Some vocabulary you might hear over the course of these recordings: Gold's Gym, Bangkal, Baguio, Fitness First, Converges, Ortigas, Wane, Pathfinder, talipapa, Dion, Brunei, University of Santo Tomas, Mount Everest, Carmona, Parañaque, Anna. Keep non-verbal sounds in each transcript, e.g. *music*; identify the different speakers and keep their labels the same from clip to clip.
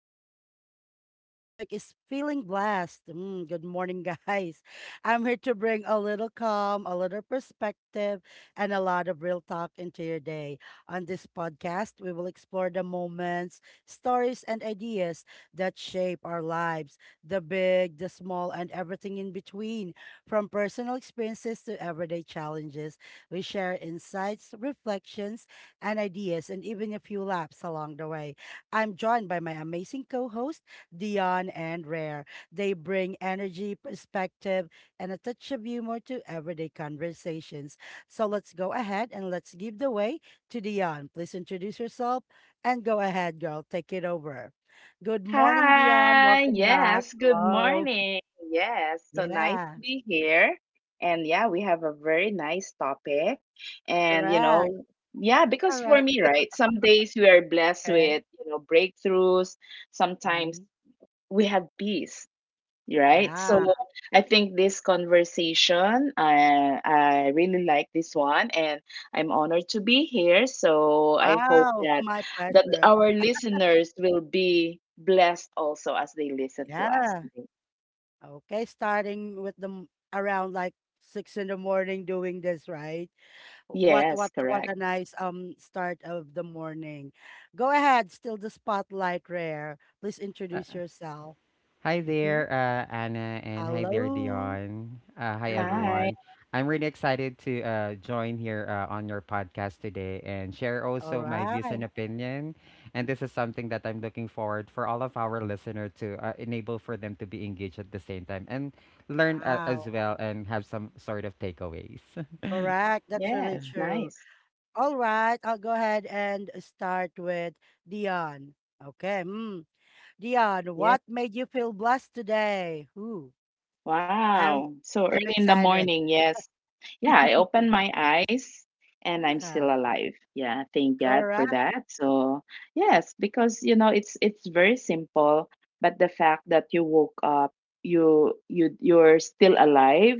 Speaker 1: with Lisa. Our topic is feeling blessed. Good morning, *laughs* guys. I'm here to bring a little calm, a little perspective, and a lot of real talk into your day. On this podcast, we will explore the moments, stories, and ideas that shape our lives the big, the small, and everything in between. From personal experiences to everyday challenges, we share insights, reflections, and ideas, and even a few laps along the way. I'm joined by my amazing co host Dion and Rare. They bring energy, perspective, and a touch of humor to everyday conversations. So let's go ahead and let's give the way to Dion. Please introduce yourself and go ahead, girl. Take it over. Good morning, Dion.
Speaker 2: Hi.
Speaker 1: Welcome back.
Speaker 2: Yes. Good
Speaker 1: Hello.
Speaker 2: morning. Yes. So nice
Speaker 1: Yeah,
Speaker 2: to be here. And yeah, we have a very nice topic. And, you
Speaker 1: correct.
Speaker 2: know, yeah, because for
Speaker 1: Correct.
Speaker 2: me, right, some days we are blessed
Speaker 1: Okay.
Speaker 2: with, you know, breakthroughs. Sometimes
Speaker 1: Mhm.
Speaker 2: we have peace right?
Speaker 1: Yeah.
Speaker 2: So I think this conversation, I really like this one, and I'm honored to be here. So I hope
Speaker 1: Wow. *laughs*
Speaker 2: that
Speaker 1: My
Speaker 2: that
Speaker 1: pleasure.
Speaker 2: our listeners will be blessed also as they listen to us
Speaker 1: Yeah.
Speaker 2: today.
Speaker 1: Okay, starting with them around like six in the morning doing this, right? What
Speaker 2: Yes,
Speaker 1: what
Speaker 2: correct.
Speaker 1: a nice start of the morning. Go ahead, still the spotlight rare. Please
Speaker 3: Uh,
Speaker 1: introduce yourself.
Speaker 3: Hi
Speaker 1: Mm-hmm.
Speaker 3: there, Anna, and hi there,
Speaker 1: Hello.
Speaker 3: Dion. Hi,
Speaker 1: Mm-hmm.
Speaker 2: Hi.
Speaker 3: everyone. I'm really excited to join here on your podcast today and share
Speaker 1: All
Speaker 3: also my views and
Speaker 1: right.
Speaker 3: opinion. And this is something that I'm looking forward for all of our listener to enable for them to be engaged at the same time and learn as
Speaker 1: Wow.
Speaker 3: well and have some sort of takeaways. *laughs*
Speaker 1: Correct. That's really
Speaker 2: Yes,
Speaker 1: true.
Speaker 2: nice.
Speaker 1: All right, I'll go ahead and start with Dion. Okay. Mm. Dion,
Speaker 2: Yeah.
Speaker 1: what made you feel blessed today? Who? I'm
Speaker 2: Wow. So
Speaker 1: I'm
Speaker 2: early in the
Speaker 1: excited.
Speaker 2: morning. Yes. Yeah, I opened
Speaker 1: *laughs*
Speaker 2: my eyes and I'm still
Speaker 1: Yeah,
Speaker 2: alive. Yeah, thank God for
Speaker 1: correct.
Speaker 2: that. So, yes, because you know, it's very simple, but the fact that you woke up, you're still alive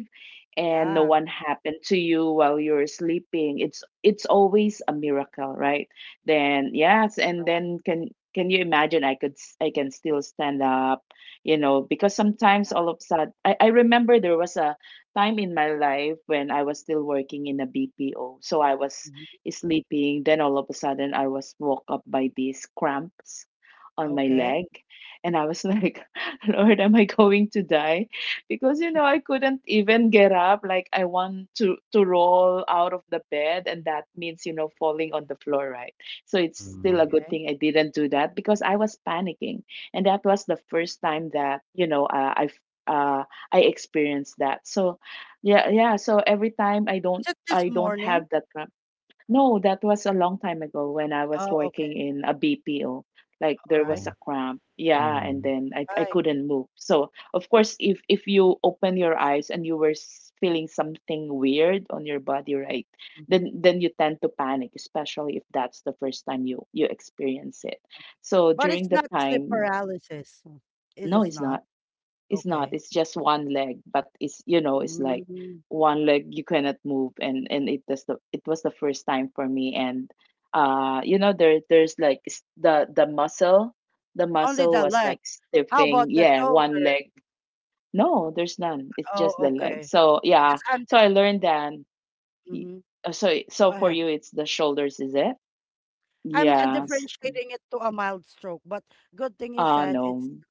Speaker 2: and no
Speaker 1: Yeah.
Speaker 2: one happened to you while you're sleeping. It's always a miracle, right? Then, yes, and then can you imagine I could I can still stand up, you know, because sometimes all of a sudden I remember there was a time in my life when I was still working in a BPO. So I was
Speaker 1: Mhm.
Speaker 2: sleeping. Then all of a sudden, I was woke up by these cramps on my
Speaker 1: Okay.
Speaker 2: leg. And I was like, *laughs* Lord, am I going to die? Because, you know, I couldn't even get up. Like, I want to roll out of the bed. And that means, you know, falling on the floor, right? So it's still
Speaker 3: Hmm.
Speaker 2: a good
Speaker 1: Okay.
Speaker 2: thing I didn't do that because I was panicking. And that was the first time that, you know, uh, I experienced that. So yeah, yeah. So every time I don't
Speaker 1: Is it this
Speaker 2: I don't
Speaker 1: morning?
Speaker 2: have that cramp. No, that was a long time ago when I was
Speaker 1: Oh, okay.
Speaker 2: working in a BPO. Like
Speaker 1: All
Speaker 2: there
Speaker 1: right.
Speaker 2: was a
Speaker 3: Oh.
Speaker 2: cramp. Yeah, and
Speaker 3: Mm-hmm.
Speaker 2: then I
Speaker 1: Right.
Speaker 2: couldn't move. So of course if you open your eyes and you were feeling something weird on your body, right?
Speaker 1: Hmm.
Speaker 2: Then you tend to panic, especially if that's the first time you experience it. So
Speaker 1: But it's
Speaker 2: during the
Speaker 1: not sleep
Speaker 2: time,
Speaker 1: paralysis. Mm. Is
Speaker 2: no,
Speaker 1: it
Speaker 2: it's
Speaker 1: not?
Speaker 2: not. It's not.
Speaker 1: Okay.
Speaker 2: It's just one leg, but it's you know, it's like
Speaker 1: Mm.
Speaker 2: one leg you cannot move, and it does the it was the first time for me, and you know, there's like the the
Speaker 1: Only
Speaker 2: muscle
Speaker 1: the
Speaker 2: was
Speaker 1: leg.
Speaker 2: like
Speaker 1: How
Speaker 2: stiffing.
Speaker 1: about the
Speaker 2: Yeah, one
Speaker 1: shoulder?
Speaker 2: leg. No, there's none. It's
Speaker 1: Oh,
Speaker 2: just the leg.
Speaker 1: okay.
Speaker 2: So yeah,
Speaker 1: Because I'm
Speaker 2: so
Speaker 1: dif-
Speaker 2: I learned that. y-
Speaker 1: mhm.
Speaker 2: uh, So
Speaker 1: Go
Speaker 2: so for
Speaker 1: ahead.
Speaker 2: you, it's the shoulders, is it?
Speaker 1: I'm And *laughs*
Speaker 2: Yes.
Speaker 1: differentiating it to a mild stroke, but good thing you said it's
Speaker 2: No.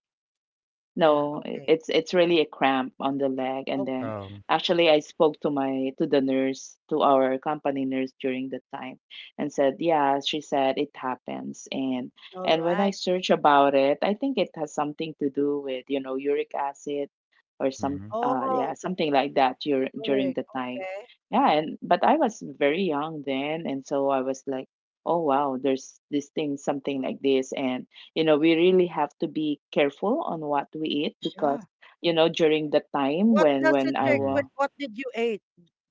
Speaker 1: yeah,
Speaker 2: No,
Speaker 1: okay.
Speaker 2: it's really a cramp on the leg. And then
Speaker 1: Okay.
Speaker 3: Oh.
Speaker 2: actually I spoke to my to the nurse, to our company nurse during the time and said, yeah, she said it happens.
Speaker 1: All
Speaker 2: And when I
Speaker 1: right.
Speaker 2: search about it, I think it has something to do with, you know, uric acid or some
Speaker 3: Mm-hmm.
Speaker 2: yeah,
Speaker 1: Oh,
Speaker 2: something like that during
Speaker 1: Turmeric,
Speaker 2: the time.
Speaker 1: okay,
Speaker 2: Yeah, and but I was very young then and so I was like, oh wow, there's this thing, something like this and you know we really have to be careful on what we eat
Speaker 1: yeah.
Speaker 2: because you know during the time
Speaker 1: What
Speaker 2: when
Speaker 1: does
Speaker 2: when
Speaker 1: it
Speaker 2: I
Speaker 1: trick?
Speaker 3: Mm-hmm.
Speaker 1: What
Speaker 2: was
Speaker 1: did you eat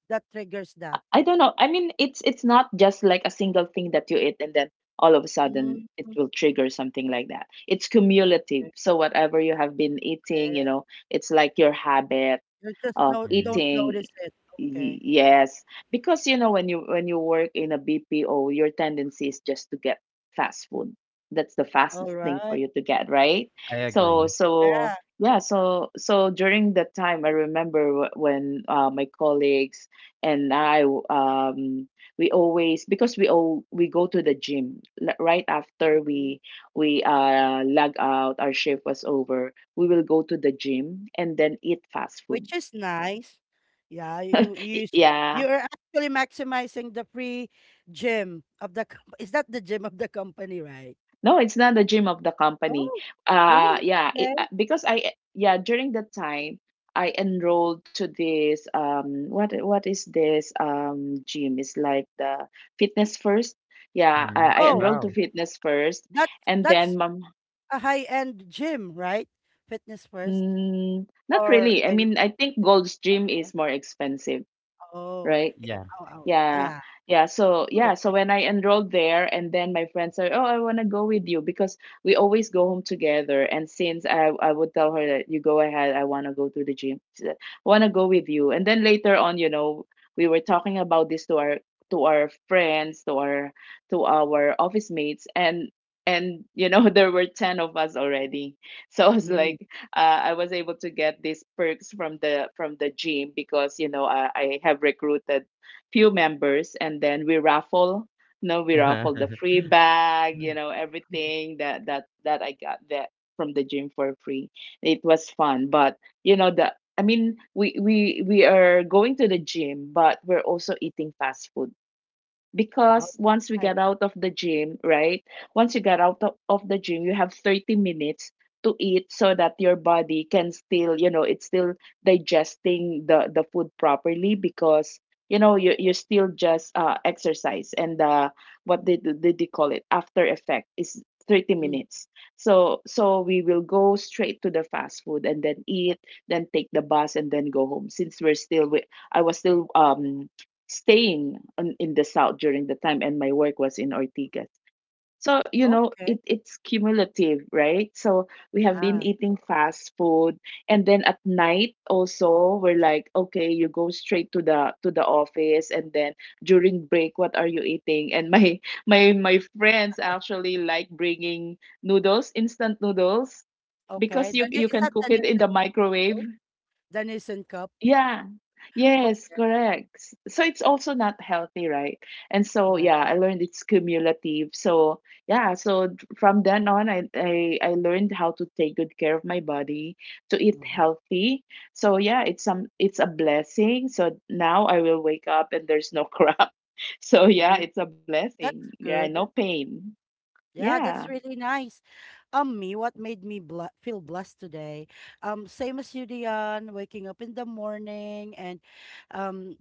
Speaker 1: that triggers that?
Speaker 2: I don't know I mean it's not just like a single thing that you eat and then all of a sudden it
Speaker 1: Mm,
Speaker 2: will trigger something like that. It's cumulative,
Speaker 1: okay,
Speaker 2: so whatever you have been eating you
Speaker 1: okay.
Speaker 2: know it's like your habit
Speaker 1: You just
Speaker 2: of
Speaker 1: no
Speaker 3: Mm-hmm.
Speaker 1: don't
Speaker 2: eating.
Speaker 1: notice it. Okay.
Speaker 2: Yes, because you know when you work in a BPO your tendency is just to get fast food. That's the
Speaker 1: All
Speaker 2: fastest thing for
Speaker 1: right.
Speaker 2: you to get right.
Speaker 3: I
Speaker 2: So
Speaker 3: agree.
Speaker 2: so
Speaker 1: Yeah.
Speaker 2: yeah, so so during that time I remember when my colleagues and I um we always because we all we go to the gym right after
Speaker 1: Mhm.
Speaker 2: we log out our shift was over we will go to the gym and then eat fast food.
Speaker 1: Which is nice. Yeah, you you s-
Speaker 2: Yeah.
Speaker 1: you are actually maximizing the free gym of the *laughs* is that the gym of the company, right?
Speaker 2: No, it's not the gym of the company.
Speaker 1: Oh, really? Okay.
Speaker 2: Because I yeah, during that time I enrolled to this um what is this gym? It's like the Fitness First. Yeah,
Speaker 3: Mm-hmm.
Speaker 2: I
Speaker 1: Oh,
Speaker 2: enrolled to
Speaker 3: Wow.
Speaker 2: Fitness First
Speaker 1: that's
Speaker 2: and then
Speaker 1: that's
Speaker 2: mom
Speaker 1: a high-end gym, right? Fitness first
Speaker 2: mm, not
Speaker 1: or
Speaker 2: really. I
Speaker 1: and
Speaker 2: mean, I think Gold's Gym is more expensive,
Speaker 1: Oh,
Speaker 3: Y-
Speaker 2: right?
Speaker 3: Yeah.
Speaker 1: oh, oh,
Speaker 2: Yeah,
Speaker 1: yeah.
Speaker 2: yeah. So yeah, so
Speaker 1: Alright.
Speaker 2: when I enrolled there, and then my friends are, oh, I want to go with you because we always go home together. And since I would tell her that you go ahead, I want to go to the gym. She said, I want to go with you. And then later on, you know, we were talking about this to our friends, to our office mates, and you know *laughs* there were 10 of us already so I was
Speaker 1: Mm,
Speaker 2: like I was able to get these perks from the gym because you know I have recruited few members and then we raffle No, we raffle the
Speaker 3: *laughs*
Speaker 2: free bag you know everything that that I got that from the gym for free. It was fun but you know the I mean we are going to the gym but we're also eating fast food because once we
Speaker 1: alright.
Speaker 2: get out of the gym, right? Once you get out of the gym, you have 30 minutes to eat so that your body can still, you know, it's still digesting the food properly because you know you you still just exercise and uh what did they call it after effect is 30
Speaker 1: Mm,
Speaker 2: minutes. So so we will go straight to the fast food and then eat, then take the bus and then go home since we're still I was still staying in the south during the time and my work was in Ortigas. So, you know, it,
Speaker 1: okay,
Speaker 2: it's cumulative, right? So we have been
Speaker 1: yeah.
Speaker 2: eating fast food and then at night also we're like, okay, you go straight to the office and then during break what are you eating? And my *laughs* my friends actually like bringing noodles, instant noodles because
Speaker 1: Okay,
Speaker 2: you
Speaker 1: the ne
Speaker 2: you
Speaker 1: is
Speaker 2: can
Speaker 1: that
Speaker 2: cook
Speaker 1: the
Speaker 2: it in
Speaker 1: Nissan
Speaker 2: the
Speaker 1: Cup
Speaker 2: microwave
Speaker 1: noodles? The Nissan Cup?
Speaker 2: yeah. Yes,
Speaker 1: Okay,
Speaker 2: correct. So it's also not healthy, right? And so yeah,
Speaker 1: yeah.
Speaker 2: I learned it's cumulative. So yeah, so from then on I learned how to take good care of my body, to eat
Speaker 1: Mhm.
Speaker 2: healthy. So yeah, it's some it's a blessing. So now I will wake up and there's no *laughs* crap. So yeah,
Speaker 1: Mm,
Speaker 2: it's a blessing.
Speaker 1: that's
Speaker 2: Yeah, no
Speaker 1: good.
Speaker 2: pain.
Speaker 1: Yeah,
Speaker 2: Yeah.
Speaker 1: that's really nice. Me, what made me bl feel blessed today? Same as you, Dion, waking up in the morning and um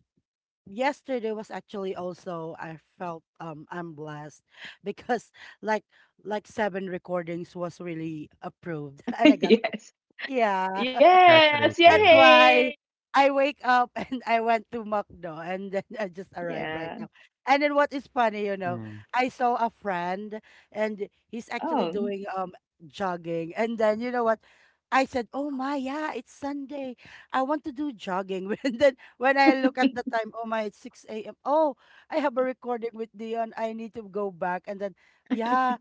Speaker 1: yesterday was actually also I felt I'm blessed *laughs* because like seven recordings was really approved *laughs* and I
Speaker 2: *laughs*
Speaker 1: got the
Speaker 2: Yes.
Speaker 1: yeah
Speaker 2: Yes.
Speaker 1: that's
Speaker 3: Congratulations.
Speaker 1: why
Speaker 2: Yay.
Speaker 1: I wake up *laughs* and I went to McDo and then I just arrived right
Speaker 2: Yeah.
Speaker 1: now. And then what is funny, you know,
Speaker 3: Mm.
Speaker 1: I saw a friend and he's actually
Speaker 2: Oh.
Speaker 1: doing jogging. And then you know what? I said, "Oh my, yeah, it's Sunday. I want to do jogging." *laughs* And then when I look at the time, "Oh my, it's 6 a.m. Oh, I have a recording with Dion. I need to go back." And then, yeah,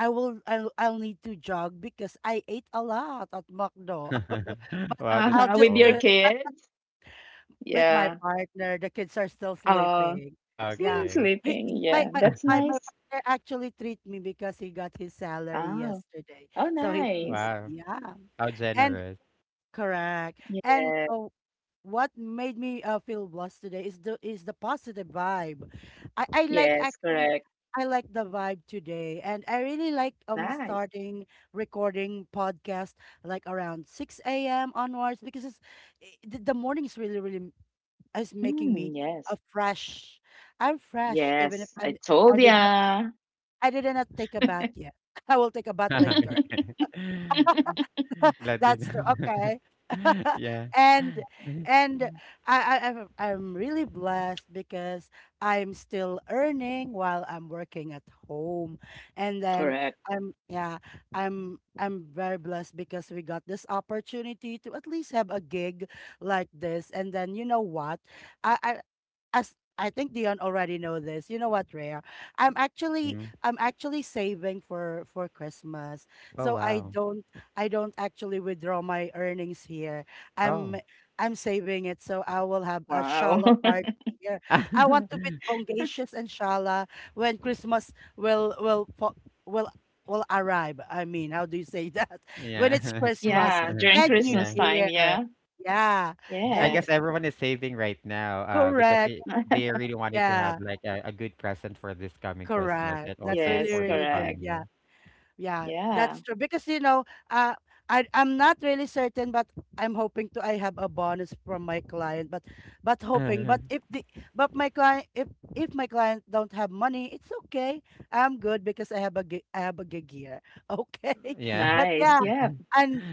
Speaker 1: I'll need to jog because I ate a lot at McDo. *laughs*
Speaker 3: *laughs* Wow,
Speaker 1: I'll
Speaker 3: that's
Speaker 2: Uh-huh.
Speaker 1: just
Speaker 2: With
Speaker 1: do
Speaker 2: your
Speaker 3: cool.
Speaker 1: it
Speaker 2: kids.
Speaker 1: with my
Speaker 2: Yeah.
Speaker 1: partner. The kids are still
Speaker 2: Uh,
Speaker 1: sleeping. Yeah.
Speaker 2: Sleeping,
Speaker 3: Okay.
Speaker 1: He he-
Speaker 2: sleeping.
Speaker 1: my
Speaker 2: Yeah,
Speaker 1: my
Speaker 2: that's
Speaker 1: my, my
Speaker 2: nice.
Speaker 1: partner actually treat me because he got his salary
Speaker 2: Oh,
Speaker 1: yesterday.
Speaker 2: oh,
Speaker 1: So he
Speaker 2: nice.
Speaker 1: treated
Speaker 3: Wow.
Speaker 1: me. Yeah.
Speaker 3: How
Speaker 1: And
Speaker 3: generous.
Speaker 1: correct. And
Speaker 2: Yeah.
Speaker 1: oh what made me feel blessed today is the positive vibe. I like
Speaker 2: Yes,
Speaker 1: actually
Speaker 2: correct.
Speaker 1: I like the vibe today, and I really like
Speaker 2: Nice.
Speaker 1: starting recording podcast like around six a.m. onwards because it's the morning is really really is making
Speaker 2: Mm,
Speaker 1: me
Speaker 2: yes.
Speaker 1: a fresh. I'm fresh even if
Speaker 2: Yes, I
Speaker 1: I
Speaker 2: told
Speaker 1: did not
Speaker 2: ya.
Speaker 1: I did not take a bath yet. *laughs* I will take a bath later.
Speaker 3: *laughs*
Speaker 2: *laughs*
Speaker 1: *laughs*
Speaker 3: Glad they *laughs*
Speaker 1: That's
Speaker 3: know.
Speaker 1: true. Okay. *laughs*
Speaker 3: Yeah.
Speaker 1: and and I'm really blessed because I'm still earning while I'm working at home, and then
Speaker 2: Correct.
Speaker 1: I'm yeah I'm very blessed because we got this opportunity to at least have a gig like this, and then you know what I as I think Dion already know this. You know what, Rhea? I'm actually
Speaker 3: Mm.
Speaker 1: I'm actually saving for Christmas.
Speaker 3: Oh,
Speaker 1: So
Speaker 3: wow.
Speaker 1: I don't actually withdraw my earnings here. I'm
Speaker 3: Oh.
Speaker 1: I'm saving it so I will have a
Speaker 2: Wow.
Speaker 1: shala party
Speaker 2: *laughs*
Speaker 1: here. I
Speaker 3: *laughs*
Speaker 1: want to be bongacious and shala when Christmas will fo- will will arrive. I mean, how do you say that? *laughs* When it's
Speaker 3: Yeah. *laughs*
Speaker 1: Christmas
Speaker 2: Yeah, during
Speaker 1: and New
Speaker 3: Yeah.
Speaker 2: Christmas time.
Speaker 1: Year.
Speaker 2: Yeah.
Speaker 1: Yeah.
Speaker 3: I
Speaker 1: And
Speaker 3: guess
Speaker 2: Yes.
Speaker 3: everyone is saving right now, because
Speaker 1: correct.
Speaker 3: they
Speaker 2: *laughs*
Speaker 3: really wanted to
Speaker 1: Yeah.
Speaker 3: have like a good present for this coming Christmas
Speaker 1: Correct.
Speaker 3: and
Speaker 1: That's
Speaker 3: also
Speaker 1: really,
Speaker 2: Yes,
Speaker 3: for the
Speaker 1: really good.
Speaker 3: coming
Speaker 2: correct.
Speaker 1: Yeah.
Speaker 3: year.
Speaker 1: Yeah.
Speaker 2: Yeah.
Speaker 1: That's true. Because, you know, uh, I'm not really certain, but I'm hoping to I have a bonus from my client, but hoping. But if
Speaker 3: *laughs*
Speaker 1: the but my client if my client don't have money, it's okay. I'm good because I have a gig, here. *laughs* Okay.
Speaker 3: Yeah.
Speaker 1: But
Speaker 2: Nice.
Speaker 1: yeah,
Speaker 2: Yeah.
Speaker 1: and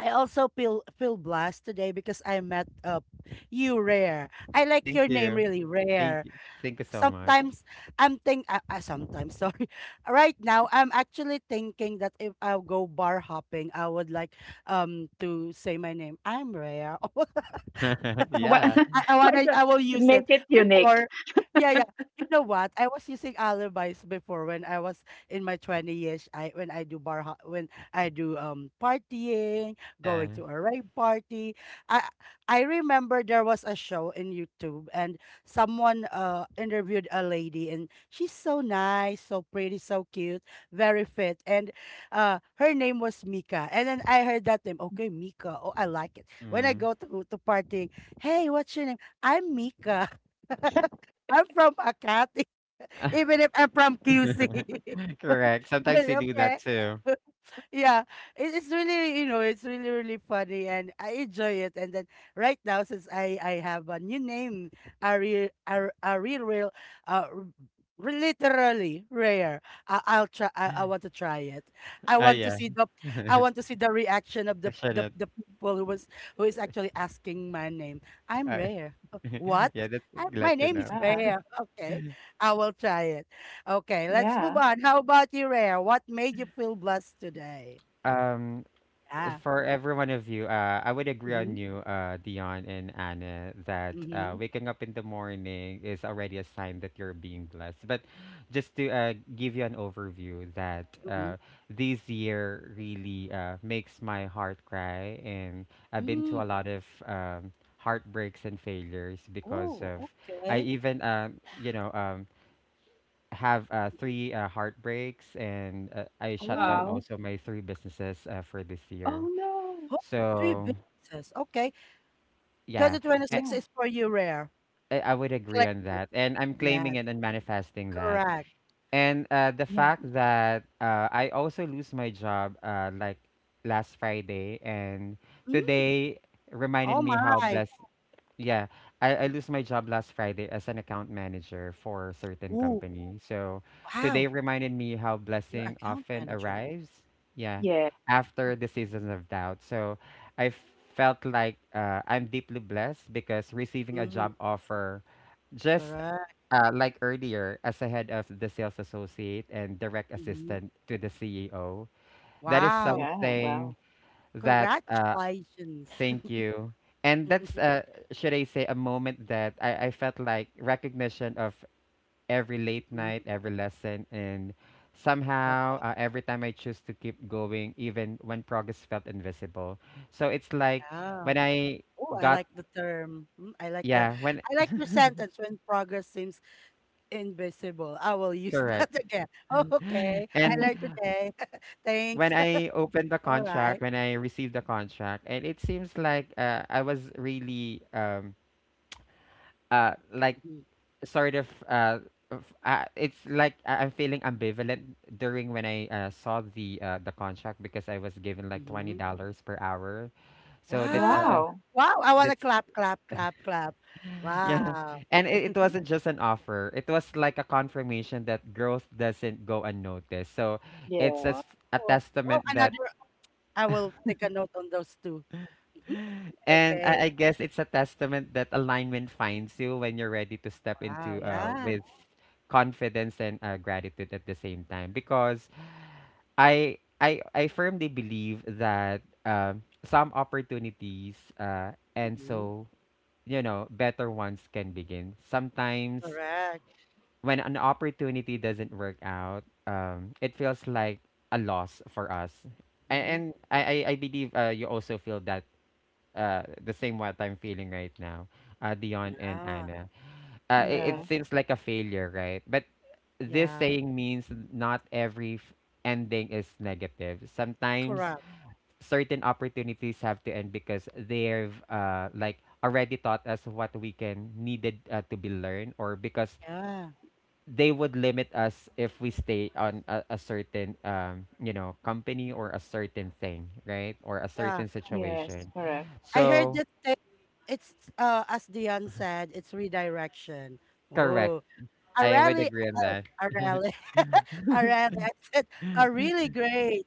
Speaker 1: I also feel blessed today because I met you rare. I like
Speaker 3: Thank
Speaker 1: your name
Speaker 3: you.
Speaker 1: really
Speaker 3: Thank
Speaker 1: rare
Speaker 3: you. Thank you so much.
Speaker 1: sometimes I'm think sometimes *laughs* sorry. Right now I'm actually thinking that if I go bar hopping, I would like to say my name. I'm Rhea. *laughs*
Speaker 3: *laughs*
Speaker 2: What?
Speaker 3: Yeah.
Speaker 2: *laughs* Why the
Speaker 1: I will use it.
Speaker 2: make it unique?
Speaker 1: Before, yeah, yeah. You know what? I was using alibis before when I was in my 20 years. I When I do partying, going
Speaker 3: Yeah.
Speaker 1: to a rave party. I I remember there was a show in YouTube and someone interviewed a lady and she's so nice, so pretty, so cute, very fit. And her name was Mika. And then I heard that name, okay, Mika. Oh, I like it. When I
Speaker 3: Mm.
Speaker 1: go to partying Hey, what's your name? I'm Mika. *laughs* I'm from Akati, *laughs*
Speaker 3: *laughs*
Speaker 1: even if I'm from QC.
Speaker 3: *laughs*
Speaker 1: *laughs*
Speaker 3: Correct. Sometimes we do that
Speaker 1: okay.
Speaker 3: too.
Speaker 1: *laughs* yeah, it's really, you know, it's really, really funny and I enjoy it. And then right now, since I have a new name, a real, real, uh, r- literally rare. I'll try. I want to try it. I
Speaker 3: Ah,
Speaker 1: want to
Speaker 3: yeah.
Speaker 1: see I want to see the, reaction of
Speaker 3: I shouldn't.
Speaker 1: the people who was, who is actually asking my name. I'm
Speaker 3: Uh,
Speaker 1: rare.
Speaker 3: *laughs*
Speaker 1: What?
Speaker 3: yeah, that's
Speaker 1: My
Speaker 3: glad to
Speaker 1: name
Speaker 3: know.
Speaker 1: is
Speaker 2: Yeah.
Speaker 1: rare. Okay. I will try it. Okay, let's move
Speaker 2: Yeah.
Speaker 1: on. How about you, Rare? What made you feel blessed today?
Speaker 3: Um,
Speaker 1: Yeah.
Speaker 3: for every one of you, I would agree on
Speaker 1: Mm-hmm.
Speaker 3: you, Dion and Anna, that
Speaker 1: Mm-hmm.
Speaker 3: waking up in the morning is already a sign that you're being blessed. But just to give you an overview, that
Speaker 1: Mm-hmm.
Speaker 3: this year really makes my heart cry, and I've been
Speaker 1: Mm.
Speaker 3: to a lot of heartbreaks and failures because
Speaker 1: Oh,
Speaker 3: of I
Speaker 1: okay.
Speaker 3: even have three heartbreaks, and I shut down
Speaker 1: Oh,
Speaker 2: Wow.
Speaker 3: also my three businesses for this year.
Speaker 2: Oh no.
Speaker 1: oh, three
Speaker 3: So
Speaker 1: businesses. Okay.
Speaker 3: yeah, I,
Speaker 1: 2026
Speaker 2: Yeah.
Speaker 1: is for you, Rare.
Speaker 3: I would agree
Speaker 1: Claim
Speaker 3: on
Speaker 1: it.
Speaker 3: that, and I'm claiming
Speaker 1: Yes,
Speaker 3: it and manifesting that.
Speaker 1: correct.
Speaker 3: And the
Speaker 2: Yeah.
Speaker 3: fact that I also lose my job like last Friday, and
Speaker 1: Mm.
Speaker 3: today reminded
Speaker 1: Oh,
Speaker 3: me how
Speaker 1: my.
Speaker 3: blessed. Yeah, I
Speaker 1: Mm.
Speaker 3: lose my job last Friday as an account manager for a certain
Speaker 1: Ooh,
Speaker 3: company. So
Speaker 1: wow.
Speaker 3: today reminded me how
Speaker 1: You're
Speaker 3: blessing
Speaker 1: account
Speaker 3: often
Speaker 1: manager.
Speaker 3: arrives. Yeah,
Speaker 2: Yeah.
Speaker 1: Huh.
Speaker 3: after the seasons of doubt. So I felt like I'm deeply blessed because receiving a
Speaker 1: Mm.
Speaker 3: job offer just
Speaker 1: Correct.
Speaker 3: like earlier as a head of the sales associate and direct
Speaker 1: Mm.
Speaker 3: assistant to the CEO, that is
Speaker 1: Wow.
Speaker 2: Yeah.
Speaker 3: something
Speaker 2: Wow.
Speaker 3: that
Speaker 1: Congratulations.
Speaker 3: Thank you. And that's
Speaker 1: *laughs*
Speaker 3: should I say a moment that I felt like recognition of every late night,
Speaker 1: Mm,
Speaker 3: every lesson and somehow
Speaker 1: correct.
Speaker 3: every time I choose to keep going even when progress felt invisible. So it's like
Speaker 1: Yeah.
Speaker 3: when I
Speaker 1: Oh, I
Speaker 3: got,
Speaker 1: like the term. Mm, I like that.
Speaker 3: yeah, when
Speaker 1: I like your sentence when progress seems invisible. I will use *laughs*
Speaker 3: correct.
Speaker 1: that again. Oh, okay.
Speaker 3: *laughs*
Speaker 1: I
Speaker 3: And
Speaker 1: learned today. *laughs*
Speaker 3: when
Speaker 1: Thanks.
Speaker 3: I opened the
Speaker 1: *laughs* All right.
Speaker 3: contract, when I received the contract, and it seems like I was really like
Speaker 1: Mhm,
Speaker 3: sort of it's like I'm feeling ambivalent during when I saw the contract because I was given like twenty
Speaker 1: mhm.
Speaker 3: dollars per hour, so
Speaker 1: Wow.
Speaker 2: Wow.
Speaker 1: Wow. I want to
Speaker 3: that's
Speaker 1: clap, clap, clap, clap.
Speaker 3: *laughs* yeah,
Speaker 1: Wow.
Speaker 3: and it
Speaker 1: *laughs*
Speaker 3: wasn't just an offer. It was like a confirmation that growth doesn't go unnoticed. So it's
Speaker 2: Yeah.
Speaker 1: wow.
Speaker 3: a
Speaker 1: Wow.
Speaker 3: testament that.
Speaker 1: Another. I will take a note on those two. Mhm.
Speaker 3: And
Speaker 1: Okay.
Speaker 3: I guess it's a testament that alignment finds you when you're ready to step
Speaker 1: Wow.
Speaker 3: into
Speaker 1: Yeah.
Speaker 3: with confidence and gratitude at the same time. Because I firmly believe that some opportunities and
Speaker 1: Hmm.
Speaker 3: so better ones can begin. Sometimes
Speaker 1: Correct.
Speaker 3: when an opportunity doesn't work out, it feels like a loss for us.
Speaker 1: Hmm.
Speaker 3: And I believe you also feel that the same what I'm feeling right now, Dion and
Speaker 1: Yeah.
Speaker 3: Anna. It
Speaker 1: Correct.
Speaker 2: Yeah.
Speaker 3: seems like a failure, right? But this
Speaker 1: Yeah.
Speaker 3: saying means not every ending is negative. Sometimes
Speaker 1: Correct.
Speaker 3: certain opportunities have to end because they've like already taught us what we can needed to be learned or because
Speaker 1: Yeah.
Speaker 3: they would limit us if we stay on a certain company or a certain thing right or a
Speaker 1: Yeah.
Speaker 3: certain
Speaker 2: Yes.
Speaker 3: situation
Speaker 2: Correct.
Speaker 1: I heard
Speaker 3: so
Speaker 1: that they, it's as Dion said, it's redirection.
Speaker 3: correct.
Speaker 1: Oh, a
Speaker 3: I would
Speaker 1: rally,
Speaker 3: agree on
Speaker 1: oh,
Speaker 3: that.
Speaker 1: a
Speaker 3: *laughs*
Speaker 1: rally, *laughs* a rally. I said a really great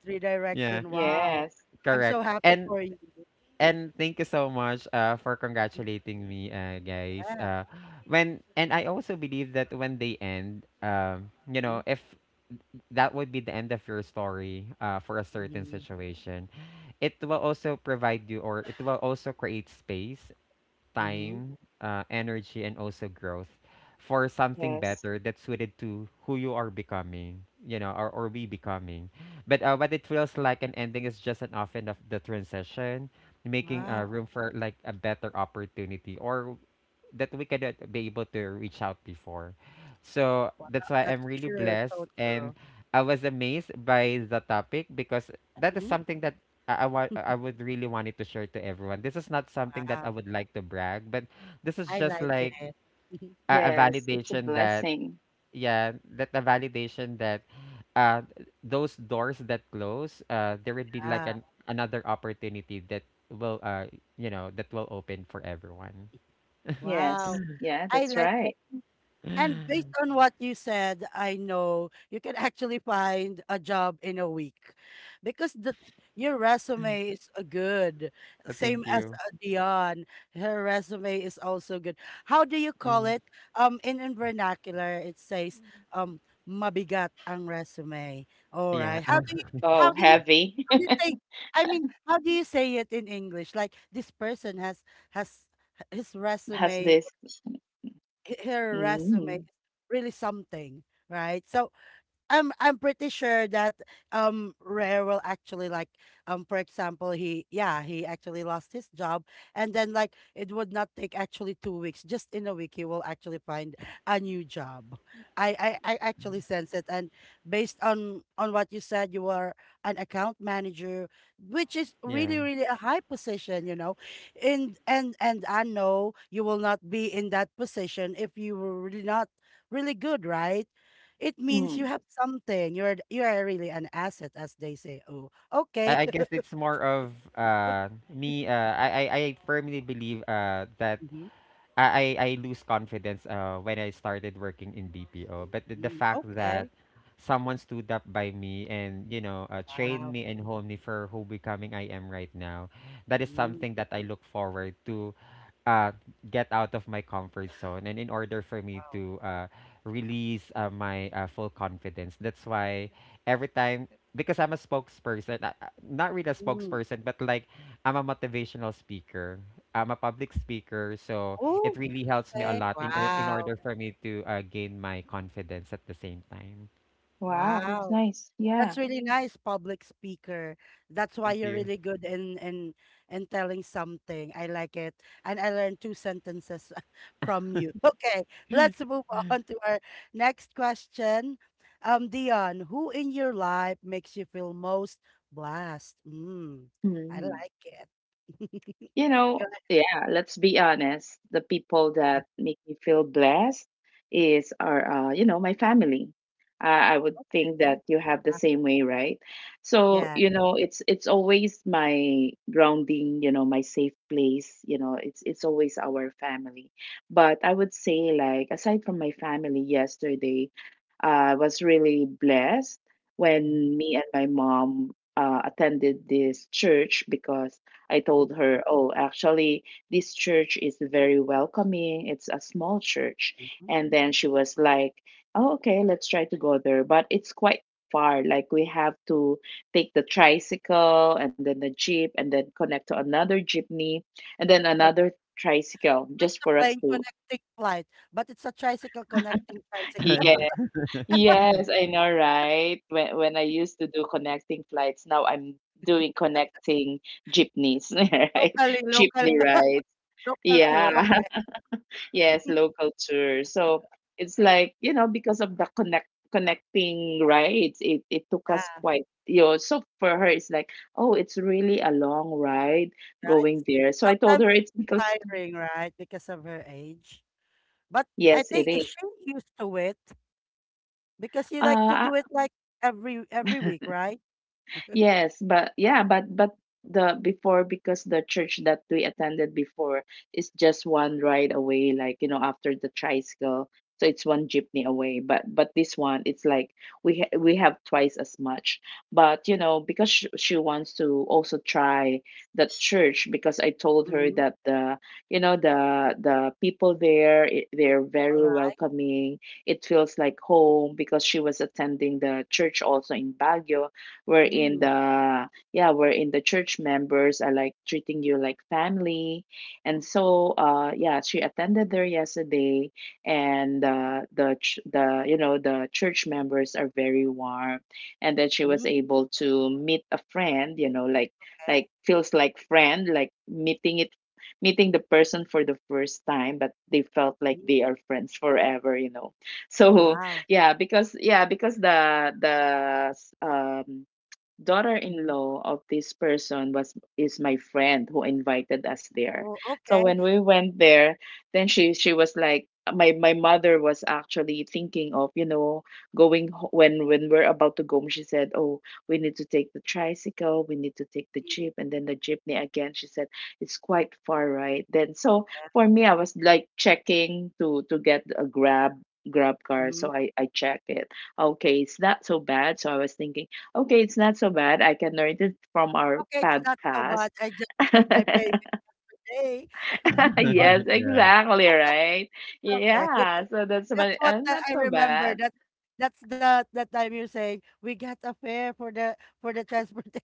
Speaker 3: Yeah,
Speaker 1: redirection. Wow,
Speaker 2: Yes.
Speaker 1: I'm so
Speaker 3: correct.
Speaker 1: happy
Speaker 3: And
Speaker 1: for you.
Speaker 3: and thank you so much for congratulating me, guys.
Speaker 1: Yeah.
Speaker 3: When and I also believe that when they end, if that would be the end of your story for a certain
Speaker 1: Mm-hmm.
Speaker 3: situation, it will also provide you or it will also create space
Speaker 1: Mm-hmm.
Speaker 3: time, energy, and also growth for something
Speaker 2: Yes.
Speaker 3: better that's suited to who you are becoming, or we becoming. But what it feels like an ending is just an often of the transition, making
Speaker 1: Wow.
Speaker 3: room for like a better opportunity or that we cannot be able to reach out before. So
Speaker 1: Wow,
Speaker 3: that's why I'm
Speaker 1: that's
Speaker 3: really
Speaker 1: true. So
Speaker 3: blessed and
Speaker 1: true.
Speaker 3: I was amazed by the topic because that is
Speaker 1: Hmm.
Speaker 3: something that I would really wanted to share to everyone. This is not something that I
Speaker 1: Wow.
Speaker 3: would like to brag, but this is
Speaker 1: I
Speaker 3: just
Speaker 1: like
Speaker 3: like
Speaker 1: it. *laughs*
Speaker 3: a
Speaker 2: Yes. It's a
Speaker 3: validation that,
Speaker 2: blessing.
Speaker 3: yeah, that a validation that uh those doors that close, there would be like
Speaker 1: yeah.
Speaker 3: an another opportunity that will you know that will open for everyone.
Speaker 2: Yes.
Speaker 1: Wow.
Speaker 2: Yeah.
Speaker 1: I
Speaker 2: That's
Speaker 1: like it.
Speaker 2: right.
Speaker 3: *gasps* *laughs*
Speaker 1: And based on what you said, I know you can actually find a job in a week because the your resume is good. Same
Speaker 3: Thank
Speaker 1: as
Speaker 3: you.
Speaker 1: Dion, her resume is also good. How do you call
Speaker 3: Mm.
Speaker 1: it? In vernacular, it says um mabigat ang resume. All
Speaker 3: Yeah,
Speaker 1: right.
Speaker 2: Oh,
Speaker 1: How do you
Speaker 2: heavy.
Speaker 1: how do you say? I mean, how do you say it in English? Like this person has has his
Speaker 2: *laughs* Has
Speaker 1: resume
Speaker 2: this.
Speaker 1: her resume is
Speaker 2: Mm.
Speaker 1: really something, right? So I'm pretty sure that Rare will actually like for example he yeah he actually lost his job and then like it would not take actually 2 weeks just in a week he will actually find a new job. I I actually sense it and based on what you said you were an account manager which is really
Speaker 3: yeah.
Speaker 1: really a high position you know and I know you will not be in that position if you were really not really good right it means you
Speaker 2: Mm.
Speaker 1: have something. You are really an asset, as they say. Oh, okay.
Speaker 3: I guess it's more of
Speaker 1: *laughs*
Speaker 3: me
Speaker 1: Hmm.
Speaker 3: I firmly believe that I lose confidence when I started working in BPO. But the
Speaker 1: Hmm.
Speaker 3: fact that
Speaker 1: Okay.
Speaker 3: someone stood up by me and trained
Speaker 1: Wow.
Speaker 3: me and honed me for who becoming I am right now, that is
Speaker 1: Mm,
Speaker 3: something that I look forward to. Uh, get out of my comfort zone and in order for me
Speaker 1: wow.
Speaker 3: to release my full confidence. That's why every time because I'm a spokesperson not really a
Speaker 1: Mm.
Speaker 3: spokesperson but like I'm a motivational speaker. I'm a public speaker so it really helps me a
Speaker 1: Okay.
Speaker 3: lot in
Speaker 1: Wow.
Speaker 3: order for me to gain my confidence at the same time.
Speaker 2: Wow. That's
Speaker 1: Wow.
Speaker 2: nice. Yeah.
Speaker 1: That's really nice, public speaker. That's why
Speaker 3: Thank
Speaker 1: you're
Speaker 3: you.
Speaker 1: really good in in telling something. I like it. And I learned two sentences *laughs* from you. Okay, let's
Speaker 3: *laughs*
Speaker 1: move *laughs* on to our next question. Dion, who in your life makes you feel most blessed? Mm, I
Speaker 2: Mm.
Speaker 1: like it. *laughs*
Speaker 2: You know,
Speaker 1: Go
Speaker 2: yeah, let's be honest. The people that make me feel blessed is our, you know, my family. I would think that
Speaker 1: ahead.
Speaker 2: you have the
Speaker 1: Uh,
Speaker 2: same way, right? So,
Speaker 1: Yeah.
Speaker 2: you know, it's always my grounding, you know, my safe place, you know, it's always our family. But I would say like aside from my family yesterday, I was really blessed
Speaker 1: Mhm,
Speaker 2: when me and my mom attended this church because I told
Speaker 1: mhm,
Speaker 2: her, oh, actually, this church is very welcoming. It's a small church.
Speaker 1: mhm.
Speaker 2: And then she was like, oh, okay, let's try to go there. But it's quite far. Like, we have to take the tricycle and then the jeep and then connect to another jeepney and then
Speaker 1: Uh,
Speaker 2: another tricycle
Speaker 1: It's
Speaker 2: just
Speaker 1: a
Speaker 2: for us
Speaker 1: plane
Speaker 2: to.
Speaker 1: connecting flight, but it's a tricycle connecting tricycle.
Speaker 2: Yeah.
Speaker 1: *laughs*
Speaker 2: Yes, I know, right? When I used to do connecting flights, now I'm doing connecting jeepneys, *laughs* right?
Speaker 1: Locally, locally.
Speaker 2: Jeepney rides.
Speaker 1: Local
Speaker 2: Yeah.
Speaker 1: tour, okay,
Speaker 2: Yes, local tour. So it's like, you know, because of the connecting rides, it took us
Speaker 1: yeah,
Speaker 2: quite, you know, so for her, it's like, oh, it's really a long ride
Speaker 1: right.
Speaker 2: going there. So I told
Speaker 1: Sometimes
Speaker 2: her
Speaker 1: it's
Speaker 2: it's because,
Speaker 1: tiring, right, because of her age. But I
Speaker 2: yes, it
Speaker 1: think is
Speaker 2: is.
Speaker 1: she used to it because you like to
Speaker 2: Uh,
Speaker 1: do it like every week,
Speaker 2: *laughs*
Speaker 1: right?
Speaker 2: Yes, but yeah, but the before because the church that we attended before is just one ride away, like you know, after the tricycle, so it's one jeepney away. But this one, it's like we have twice as much. But you know, because she wants to also try that church, because I told her
Speaker 1: Mhm.
Speaker 2: that the you know the people there they're very
Speaker 1: Alright.
Speaker 2: welcoming. It feels like home because she was attending the church also in Baguio wherein
Speaker 1: Mm.
Speaker 2: the yeah wherein the church members are like treating you like family. And so she attended there yesterday. And the ch- the you know the church members are very warm, and then she was
Speaker 1: Hmm.
Speaker 2: able to meet a friend,
Speaker 1: Okay.
Speaker 2: like feels like friend, like meeting the person for the first time, but they felt like
Speaker 1: Hmm.
Speaker 2: they are friends forever, *laughs* so
Speaker 1: Wow.
Speaker 2: yeah. Because the um
Speaker 1: Mhm.
Speaker 2: daughter-in-law of this person was is my friend who invited us there.
Speaker 1: Oh,
Speaker 2: So
Speaker 1: okay.
Speaker 2: when we went there, then she was like, my mother was actually thinking of, going when we're about to go home. She said, "Oh, we need to take the tricycle, we need to take the
Speaker 1: Mm,
Speaker 2: jeep and then the jeepney again." She said, "It's quite far, right?" Then so
Speaker 1: yeah.
Speaker 2: for me, I was like checking to get a grab car,
Speaker 1: Mhm.
Speaker 2: so I check it. Okay, it's not so bad, so I was thinking, okay, it's not so bad. I can learn it from our
Speaker 1: Okay, it's not so
Speaker 2: podcast.
Speaker 1: bad. I just got
Speaker 2: *laughs*
Speaker 1: my payment. Day. *laughs*
Speaker 2: Yes,
Speaker 3: Yeah,
Speaker 2: exactly, right?
Speaker 1: Okay, okay.
Speaker 2: Yeah, so that's about
Speaker 1: That's
Speaker 2: it.
Speaker 1: what
Speaker 2: Not
Speaker 1: I
Speaker 2: so bad.
Speaker 1: remember. That's the time you're saying we got a fare for the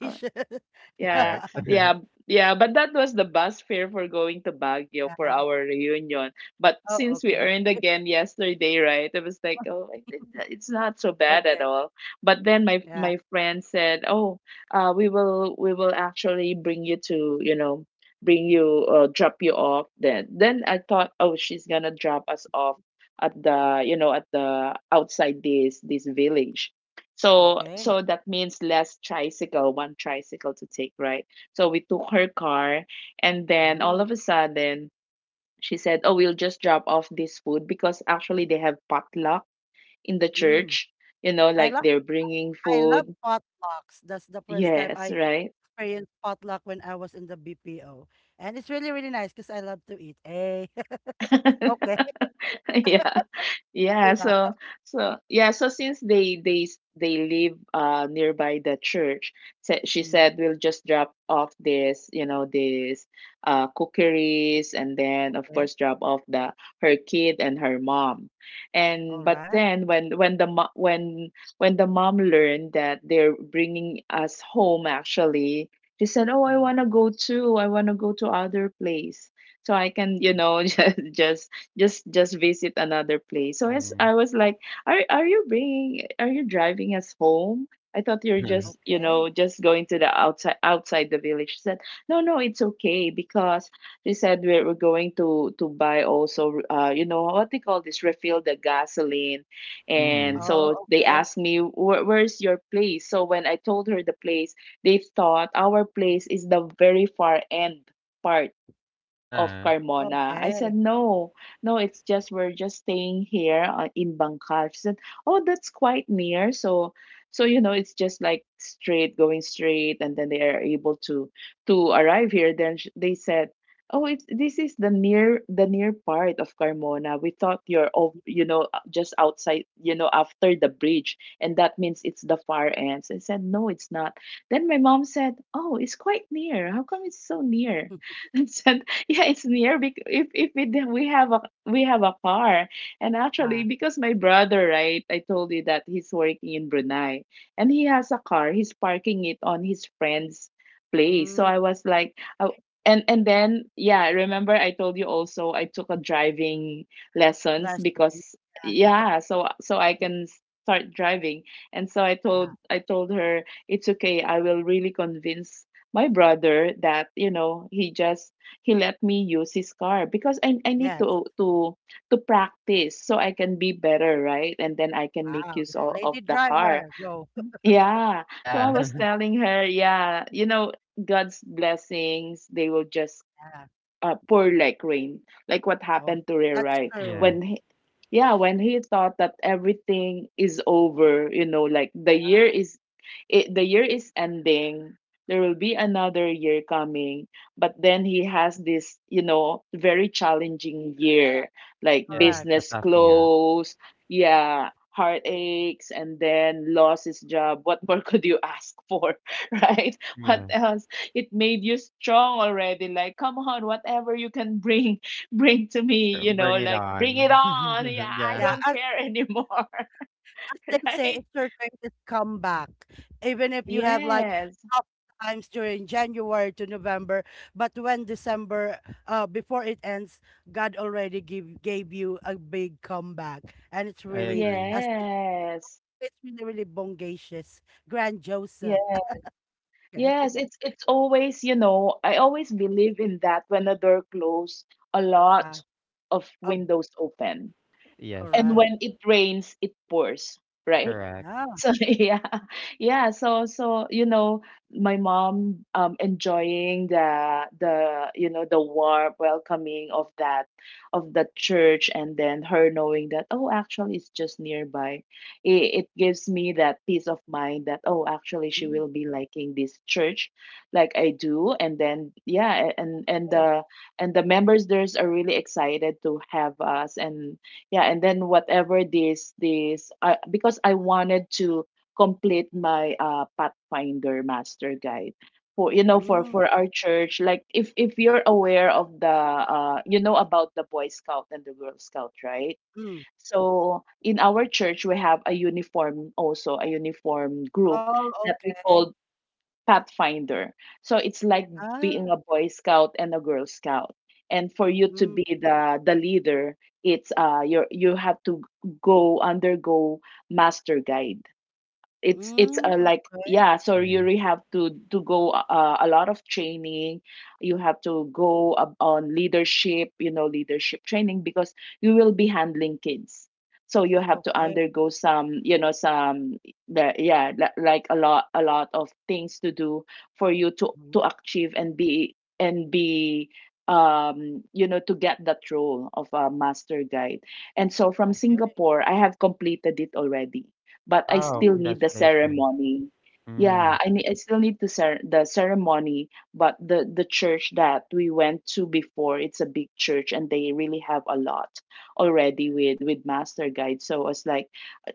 Speaker 2: Uh,
Speaker 1: *laughs* yeah.
Speaker 2: Yeah,
Speaker 3: correct. *laughs*
Speaker 2: yeah, yeah. But that was the bus fare for going to Baguio for
Speaker 1: Yeah.
Speaker 2: our reunion. But
Speaker 1: Oh,
Speaker 2: since we
Speaker 1: okay.
Speaker 2: earned again yesterday, right? It was like, oh, it's not so bad at
Speaker 1: Okay.
Speaker 2: all. But then my
Speaker 1: Yeah.
Speaker 2: my friend said, oh, we will actually bring you to, you know, bring you, drop you off. Then I thought, oh, she's gonna drop us off at the, you know, at the outside this village, so
Speaker 1: Okay.
Speaker 2: so that means less tricycle, one tricycle to take, right? So we took her car, and then all
Speaker 1: Mm,
Speaker 2: of a sudden she said, "Oh, we'll just drop off this food because actually they have potluck in the
Speaker 1: mm.
Speaker 2: church, you know,
Speaker 1: I
Speaker 2: like
Speaker 1: love
Speaker 2: they're bringing
Speaker 1: I love
Speaker 2: food."
Speaker 1: potlucks. That's the first time
Speaker 2: Yes,
Speaker 1: I
Speaker 2: right?
Speaker 1: experienced potluck when I was in the BPO, and it's really really nice because I love to eat. Hey. *laughs* Okay.
Speaker 2: *laughs* *laughs* Yeah, yeah,
Speaker 1: Yeah.
Speaker 2: so so yeah, so since they live nearby the church, she
Speaker 1: Mm,
Speaker 2: said we'll just drop off this, you know, this cookeries, and then of
Speaker 1: okay.
Speaker 2: course drop off the her kid and her mom.
Speaker 1: All
Speaker 2: And but
Speaker 1: right.
Speaker 2: then when the mom learned that they're bringing us home, actually, she said, oh, I
Speaker 1: Mm,
Speaker 2: want to go too. I want to go to other place so I can, you
Speaker 1: mm.
Speaker 2: know, *laughs* just visit another place. So as
Speaker 3: Hmm.
Speaker 2: I was like, are you bringing, are you driving us home? I thought you're just,
Speaker 3: *laughs*
Speaker 2: you
Speaker 1: Okay.
Speaker 2: know, just going to the outside the village. She said, no, no, it's okay, because they said we're, going to buy also, you know what they call this, refill the gasoline. And
Speaker 3: Mhm.
Speaker 1: Oh,
Speaker 2: so they
Speaker 1: okay.
Speaker 2: asked me, where's your place? So when I told her the place, they thought our place is the very far end part of
Speaker 3: Uh,
Speaker 2: Carmona. I
Speaker 1: Okay.
Speaker 2: said, no, no, it's just we're just staying here, in Bangkal. She said, oh, that's quite near. So, so you know, it's just like straight, going straight, and then they are able to arrive here. Then they said, oh, it's this is the near part of Carmona. We thought you're of you know, just outside, you know, after the bridge, and that means it's the far ends. I said, no, it's not. Then my mom said, oh, it's quite near. How come it's so near?
Speaker 1: *laughs*
Speaker 2: *laughs* And said, *laughs* yeah, it's near because if we d- we have a car. And actually
Speaker 1: Ah.
Speaker 2: because my brother, right, I told you that he's working in Brunei, and he has a car. He's parking it on his friend's place. So
Speaker 1: Mm.
Speaker 2: I was like, oh, and then yeah, remember, I told you also, I took a driving lessons,
Speaker 1: Less of the
Speaker 2: because
Speaker 1: yeah,
Speaker 2: yeah, so so I can start driving. And so
Speaker 1: yeah.
Speaker 2: I told her, it's okay, I will really convince my brother that, you know, he just he let me use his car, because I need
Speaker 1: Yes.
Speaker 2: to practice so I can be better, right? And then I can make
Speaker 1: Wow.
Speaker 2: use
Speaker 1: Yeah.
Speaker 2: of
Speaker 1: Lady
Speaker 2: the car.
Speaker 1: driver, go.
Speaker 2: Yeah. So I
Speaker 3: yeah. *laughs*
Speaker 2: was telling her, yeah, you know, God's blessings, they will just
Speaker 1: Yeah.
Speaker 2: pour like rain, like what
Speaker 1: Oh,
Speaker 2: happened to Ray,
Speaker 1: that's
Speaker 2: right?
Speaker 1: true.
Speaker 3: Yeah.
Speaker 2: When he- yeah, when he thought that everything is over, you know, like the year is ending, there will be another year coming, but then he has this, you know, very challenging year, like
Speaker 3: Yeah.
Speaker 1: Correct.
Speaker 3: A
Speaker 2: business
Speaker 3: tough year.
Speaker 2: close, yeah, heartaches, and then lost his job. What more *laughs* could you ask for, *laughs* right? What
Speaker 3: Yeah.
Speaker 2: else? It made you strong already. Like, come on, whatever you can bring, bring to me, you know,
Speaker 3: Bring it
Speaker 2: like bring
Speaker 3: on.
Speaker 2: it on. Yeah,
Speaker 3: *laughs*
Speaker 2: I
Speaker 3: Yeah,
Speaker 1: Yeah.
Speaker 2: don't care anymore,
Speaker 1: As they
Speaker 2: *laughs*
Speaker 1: say,
Speaker 2: right?
Speaker 1: it's your greatest comeback. Even if you have like
Speaker 2: Yes.
Speaker 1: tough times during January to November, but when December, before it ends, God already give gave you a big comeback, and it's
Speaker 3: I
Speaker 1: really
Speaker 3: agree.
Speaker 1: as
Speaker 2: Yes.
Speaker 1: it's really really bongacious, grandiosa.
Speaker 2: Yeah.
Speaker 1: Okay.
Speaker 2: Yes,
Speaker 1: *laughs*
Speaker 2: it's always, you know, I always believe in that when a door closes, a
Speaker 1: Yeah.
Speaker 2: lot of
Speaker 1: Oh,
Speaker 2: windows open.
Speaker 3: Yes,
Speaker 2: And
Speaker 1: correct.
Speaker 2: when it rains, it pours, right?
Speaker 3: correct.
Speaker 1: Yeah.
Speaker 2: So *laughs* yeah, yeah. So so you know, my mom enjoying the you know, the warm welcoming of that of the church, and then her knowing that, oh, actually it's just nearby, it gives me that peace of mind that, oh, actually she
Speaker 1: Mm.
Speaker 2: will be liking this church, like I do. And then yeah,
Speaker 1: Yeah.
Speaker 2: and the members there's are really excited to have us. And yeah, and then whatever this I because I wanted to complete my Pathfinder master guide for, you know,
Speaker 1: Hmm,
Speaker 2: for our church. Like if you're aware of the, you know, about the Boy Scout and the Girl Scout, right?
Speaker 1: hmm.
Speaker 2: So in our church we have a uniform, also a uniform group
Speaker 1: Oh,
Speaker 2: that we
Speaker 1: okay.
Speaker 2: call Pathfinder. So it's like
Speaker 1: Ah,
Speaker 2: being a Boy Scout and a Girl Scout. And for you to
Speaker 1: mm,
Speaker 2: be the leader, it's, you, you have to go undergo master guide. It's
Speaker 1: mm,
Speaker 2: a, like,
Speaker 1: okay,
Speaker 2: yeah, so you
Speaker 3: Mm.
Speaker 2: really have to go, a lot of training. You have to go up on leadership, you know, leadership training, because you will be handling kids, so you have to
Speaker 1: okay,
Speaker 2: undergo some, you know, some yeah, like a lot, a lot of things to do for you to
Speaker 1: mm,
Speaker 2: achieve and be and be, you know, to get that role of a master guide. And so from
Speaker 1: okay.
Speaker 2: Singapore I have completed it already, but I
Speaker 3: Wow,
Speaker 2: still
Speaker 1: Ooh,
Speaker 2: need the
Speaker 3: congratulations.
Speaker 2: ceremony. Yeah,
Speaker 3: Mm.
Speaker 2: I need, I still need the ceremony. But the church that we went to before, it's a big church, and they really have a lot already with master guide. So I was like,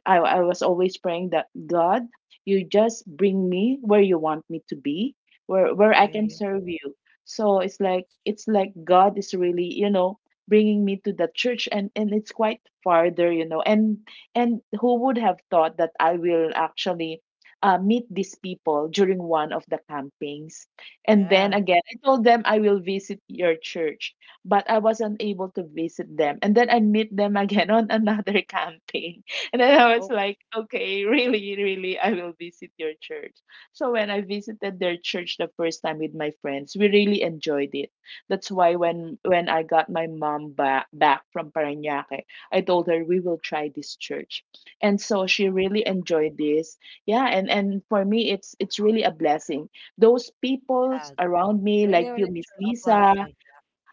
Speaker 2: I was always praying that, God, you just bring me where you want me to be, where I
Speaker 1: okay,
Speaker 2: can
Speaker 1: yeah,
Speaker 2: serve you. So it's like, it's like God is really, you know, bringing me to the church, and it's quite farther, you know. And who would have thought that I will actually, meet these people during one of the campings? And then
Speaker 1: yes,
Speaker 2: again, I told them, I will visit your church, but I wasn't able to visit them. And then I meet them again *laughs* on another camping. And then I was
Speaker 1: okay,
Speaker 2: like, okay, really, really, I will visit your church. So when I visited their church the first time with my friends, we really enjoyed it. That's why when I got my mom back from Parañaque, I told her we will try this church. And so she really enjoyed this. Yeah, and for me it's really a blessing. Those people
Speaker 1: yeah.
Speaker 2: around me,
Speaker 1: Really,
Speaker 2: like you,
Speaker 1: really
Speaker 2: Miss
Speaker 1: true. A
Speaker 2: Lisa,
Speaker 1: blessing.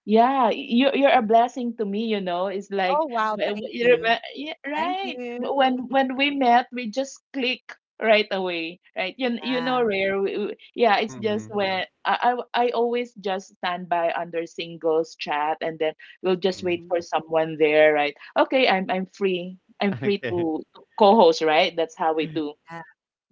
Speaker 2: yeah, you're a blessing to me, you know. It's like
Speaker 1: Oh, wow, thank
Speaker 2: you
Speaker 1: you.
Speaker 2: remember, yeah,
Speaker 1: Thank
Speaker 2: right?
Speaker 1: you.
Speaker 2: But when we met, we just click right away, right? You know,
Speaker 1: Yeah,
Speaker 2: rare. Yeah, it's just
Speaker 3: Mm.
Speaker 2: when I always just stand by under singles chat, and then we'll just
Speaker 3: Mm.
Speaker 2: wait
Speaker 3: *laughs*
Speaker 1: mm,
Speaker 2: for someone there, right? Okay, I'm free. I'm free
Speaker 3: Okay.
Speaker 2: to co-host, right? That's how we do.
Speaker 1: yeah.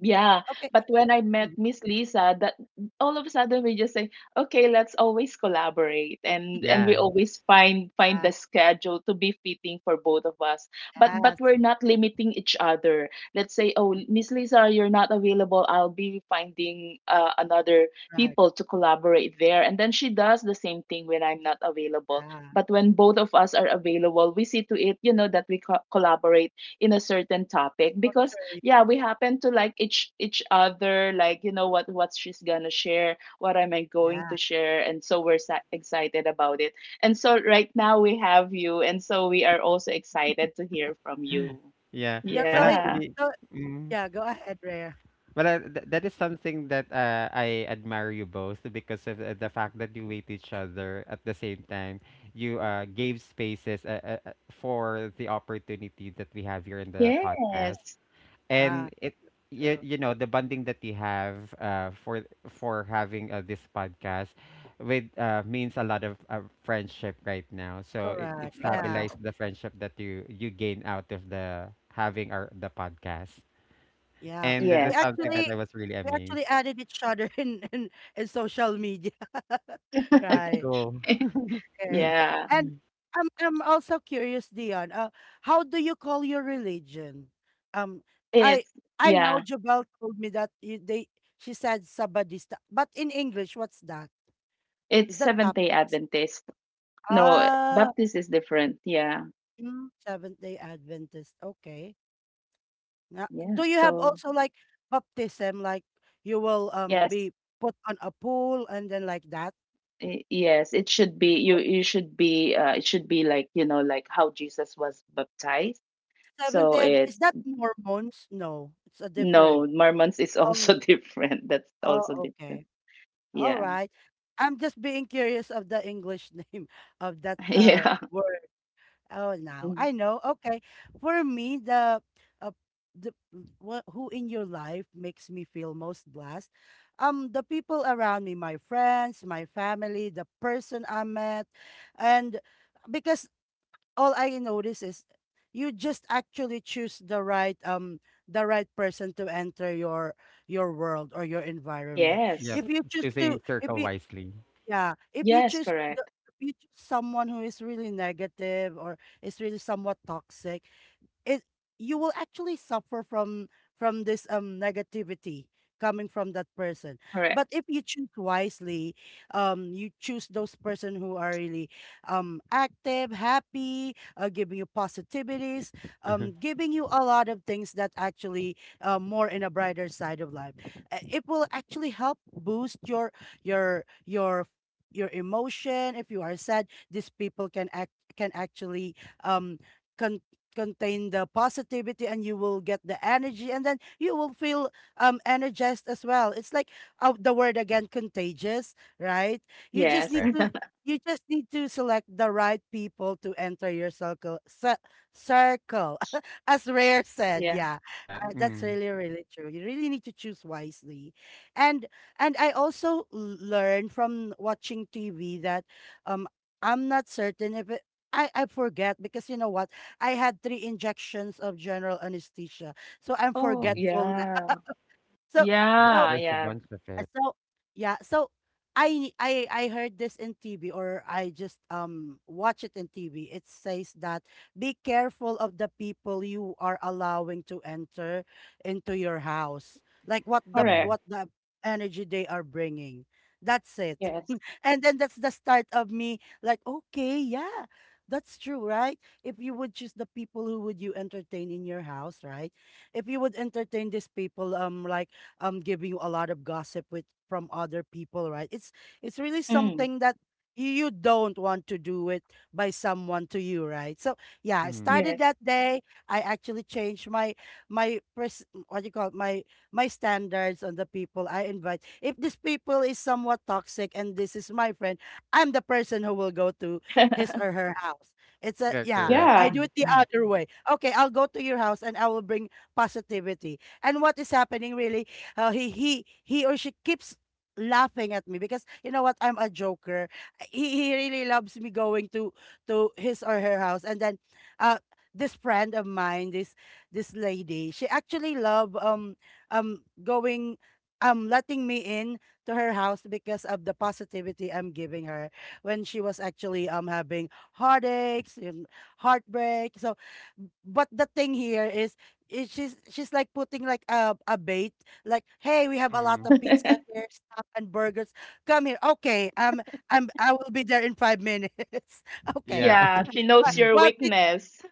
Speaker 2: Yeah,
Speaker 1: Okay,
Speaker 2: but when I met
Speaker 1: mm,
Speaker 2: Miss Lisa, that all of a sudden we just say, okay, let's always collaborate, and we
Speaker 3: Yeah.
Speaker 2: always find
Speaker 1: yeah,
Speaker 2: the schedule to be fitting for both of us. But
Speaker 1: yes,
Speaker 2: we're not limiting each other. Let's say, oh, Miss Lisa, you're not available. I'll be finding, another
Speaker 1: right,
Speaker 2: people to collaborate there, and then she does the same thing when I'm not available.
Speaker 1: yeah.
Speaker 2: But when both of us are available, we see to it, that collaborate in a certain topic
Speaker 1: Oh,
Speaker 2: because
Speaker 1: true,
Speaker 2: yeah, we happen to like each other. Like, you know, what she's gonna share, what am I
Speaker 1: yeah,
Speaker 2: going
Speaker 1: yeah.
Speaker 2: to share. And so excited about it, and so right now we have you, and so we are also excited to hear from you.
Speaker 3: Yeah.
Speaker 1: Yeah,
Speaker 3: Well,
Speaker 1: so it,
Speaker 2: Yeah.
Speaker 3: actually,
Speaker 1: so,
Speaker 3: mm,
Speaker 1: yeah, go ahead, Rare.
Speaker 3: That is something that I admire you both because of the fact that you wait each other at the same time. You
Speaker 1: Mm,
Speaker 3: gave spaces for the opportunity that we have here in the
Speaker 2: Yes.
Speaker 3: podcast, and
Speaker 1: yeah,
Speaker 3: it you,
Speaker 1: true,
Speaker 3: you know the bonding that you have for having this podcast with means a lot of friendship right now. So it
Speaker 1: correct, yeah.
Speaker 3: stabilized the friendship that you gain out of the having our the podcast.
Speaker 1: Yeah.
Speaker 3: And that
Speaker 1: We
Speaker 3: is
Speaker 2: Yes.
Speaker 3: something that
Speaker 1: actually
Speaker 3: I was really
Speaker 1: we
Speaker 3: amazed.
Speaker 1: actually added each other *laughs* in social media. *laughs*
Speaker 3: Oh, that's
Speaker 1: Right.
Speaker 2: *laughs*
Speaker 3: cool.
Speaker 1: Okay.
Speaker 2: Yeah.
Speaker 3: *laughs*
Speaker 1: And I'm also curious, Dion. How do you call your religion? Um, I
Speaker 2: It's
Speaker 1: I know
Speaker 2: yeah,
Speaker 1: Jabel told me that you, they she said Sabadista, but in English, what's that? Is
Speaker 2: it's
Speaker 1: that
Speaker 2: Seventh
Speaker 1: Bap?
Speaker 2: Day Adventist. No,
Speaker 1: Ah,
Speaker 2: Baptist is different. Yeah.
Speaker 1: mm, Seventh Day Adventist. Okay. Yeah.
Speaker 2: Yeah,
Speaker 1: Do you have
Speaker 2: so
Speaker 1: also like baptism, like you will
Speaker 2: yes.
Speaker 1: be put on a pool and then like that?
Speaker 2: Yes, it should be, you
Speaker 1: Oh,
Speaker 2: you should be it should be like, you know, like how Jesus was baptized.
Speaker 1: Seventh
Speaker 2: So
Speaker 1: day, Adv- is
Speaker 2: it's
Speaker 1: that Mormons? No, it's a different.
Speaker 2: no, Mormons is
Speaker 1: Oh,
Speaker 2: also *laughs* different. That's
Speaker 1: oh,
Speaker 2: also different.
Speaker 1: okay. All
Speaker 2: Yeah.
Speaker 1: right. I'm just being curious of the English *laughs* name of that
Speaker 2: *laughs* Yeah.
Speaker 1: word. Oh, now
Speaker 2: Mm.
Speaker 1: I know. Okay. For me, uh, the who in your life makes me feel most blessed? The people around me, my friends, my family, the person I met, and because all I notice is you just actually choose the right person to enter your world or your environment.
Speaker 3: Yep,
Speaker 2: Yes.
Speaker 1: If you choose to
Speaker 3: choosing
Speaker 1: if
Speaker 3: circle
Speaker 1: you
Speaker 3: wisely.
Speaker 1: yeah, if you
Speaker 2: Yes,
Speaker 1: choose
Speaker 2: correct.
Speaker 1: if you choose someone who is really negative or is really somewhat toxic, it you will actually suffer from this negativity coming from that person, but
Speaker 2: Correct.
Speaker 1: if you choose wisely, you choose those person who are really active, happy, giving you positivities,
Speaker 3: *laughs*
Speaker 1: giving you a lot of things that actually more in a brighter side of life. It will actually help boost your your your emotion. If you are sad, these people can actually um con- contain the positivity, and you will get the energy, and then you will feel energized as well. It's like the word again, contagious, right? you just
Speaker 2: Yes.
Speaker 1: need
Speaker 3: Correct.
Speaker 1: to
Speaker 2: *laughs*
Speaker 1: you just need to select the right people to enter your circle, *laughs* as Rare said,
Speaker 2: Yeah.
Speaker 1: yeah.
Speaker 3: Yeah.
Speaker 1: That's
Speaker 3: Mm.
Speaker 1: really really true. You really need to choose wisely, and I also learned from watching TV that, um I'm not certain if I forget, because you know what, I had 3 injections of general anesthesia, so I'm
Speaker 2: Oh,
Speaker 3: Oh,
Speaker 1: forgetful now.
Speaker 2: yeah.
Speaker 1: *laughs* So so
Speaker 2: Yeah,
Speaker 3: there's a
Speaker 2: yeah.
Speaker 3: bunch of
Speaker 1: uh,
Speaker 3: it.
Speaker 1: So yeah, so I heard this in TV, or I just watch it in TV. It says that be careful of the people you are allowing to enter into your house. Like
Speaker 2: Correct.
Speaker 3: Mm.
Speaker 1: what the energy they are bringing. That's it. *laughs*
Speaker 2: Yes.
Speaker 1: And then that's the start of me like, okay, yeah. That's true, right? If you would choose the people who would you entertain in your house, right? If you would entertain these people, like giving you a lot of gossip with from other people, right? It's really
Speaker 2: Mm.
Speaker 1: something that you don't want to do it by someone to you, right? So yeah, I
Speaker 3: Mm.
Speaker 1: started
Speaker 2: Yes.
Speaker 1: that day. I actually changed my what do you call it? My standards on the people I invite. If this people is somewhat toxic and this is my friend, I'm the person who will go to his or
Speaker 2: *laughs*
Speaker 1: her house. It's a
Speaker 3: Okay,
Speaker 1: yeah,
Speaker 3: correct.
Speaker 1: I
Speaker 2: Yeah.
Speaker 1: do
Speaker 3: Mhm.
Speaker 1: it the other way. Okay, I'll go to your house and I will bring positivity. And what is happening really, he or she keeps laughing at me because you know what, I'm a joker. He really loves me going to his or her house, and then uh this friend of mine, this lady, she actually love, going, letting me in to her house because of the positivity I'm giving her when she was actually having heartaches and heartbreak. So but the thing here is she's like putting like a bait like, hey, we have a lot
Speaker 3: Mm.
Speaker 1: of pizza
Speaker 2: *laughs*
Speaker 1: here, stuff and burgers. Come here. Okay, I will be there in five minutes. *laughs* Okay,
Speaker 3: Yeah,
Speaker 2: Yeah, she
Speaker 3: *laughs*
Speaker 1: but
Speaker 2: knows your
Speaker 1: well,
Speaker 2: weakness.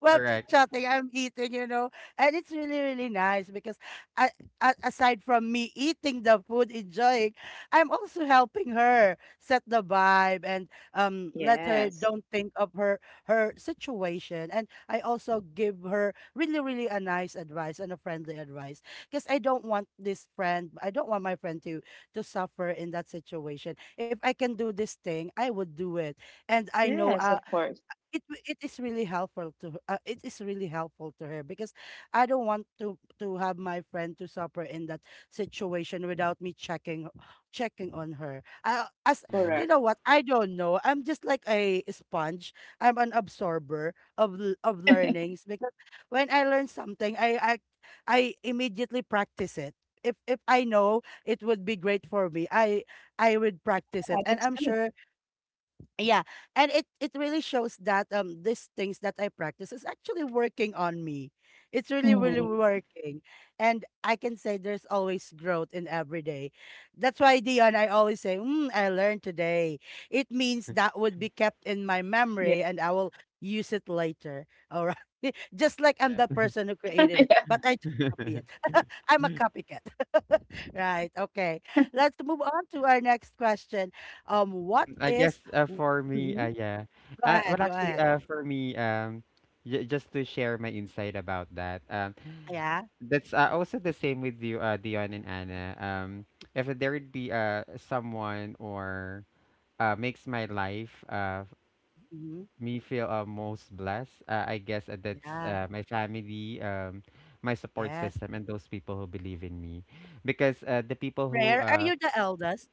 Speaker 1: well, chit
Speaker 3: correct.
Speaker 1: chatting, I'm eating, you know, and it's really, really nice because I, a- aside from me eating the food, enjoying, I'm also helping her set the vibe and let her
Speaker 2: Yes.
Speaker 1: don't think of her her situation, and I also give her really, really a nice advice and a friendly advice, because I don't want this friend, I don't want my friend to suffer in that situation. If I can do this thing, I would do it, and I know.
Speaker 2: Yes, of course.
Speaker 1: It w- it is really helpful to her- It is really helpful to her because I don't want to have my friend to suffer in that situation without me checking on her. As
Speaker 3: Mm.
Speaker 1: you
Speaker 2: Correct.
Speaker 1: know what, I don't know. I'm just like a sponge. I'm an absorber of of
Speaker 2: *laughs*
Speaker 1: learnings, because when I learn something, I immediately practice it. If I know it would be great for me, I would practice it,
Speaker 2: Yeah,
Speaker 1: and
Speaker 2: that's
Speaker 1: I'm
Speaker 2: good.
Speaker 1: sure, yeah, and it really shows that these things that I practice is actually working on me. It's really really
Speaker 3: Mm.
Speaker 2: Mm.
Speaker 1: working, and I can say there's always growth in every day. That's why Dion, I always say, mm, I learned today. It means that would be
Speaker 2: Yeah.
Speaker 1: kept in my memory, and I will use it later. All right, *laughs* just like I'm
Speaker 3: Yeah.
Speaker 1: the person who
Speaker 2: *laughs*
Speaker 1: created it, but I just copy it. I'm a copycat. *laughs* Right.
Speaker 2: Yeah.
Speaker 1: Okay. Let's move on to our next question. What
Speaker 3: I guess
Speaker 1: is w-
Speaker 3: for me,
Speaker 1: mhm,
Speaker 3: yeah.
Speaker 1: go
Speaker 3: Well,
Speaker 1: ahead, go
Speaker 3: actually,
Speaker 1: ahead.
Speaker 3: for me, just to share my insight about that.
Speaker 1: Yeah.
Speaker 3: That's also the same with you, Dion and Anna. If there would be someone or makes my life
Speaker 1: Hmm.
Speaker 3: me feel most blessed, I guess that's
Speaker 1: Yeah.
Speaker 3: my family, my support
Speaker 1: Yes.
Speaker 3: system, and those people who believe in me. Because the people who,
Speaker 1: Rare. Are you the eldest?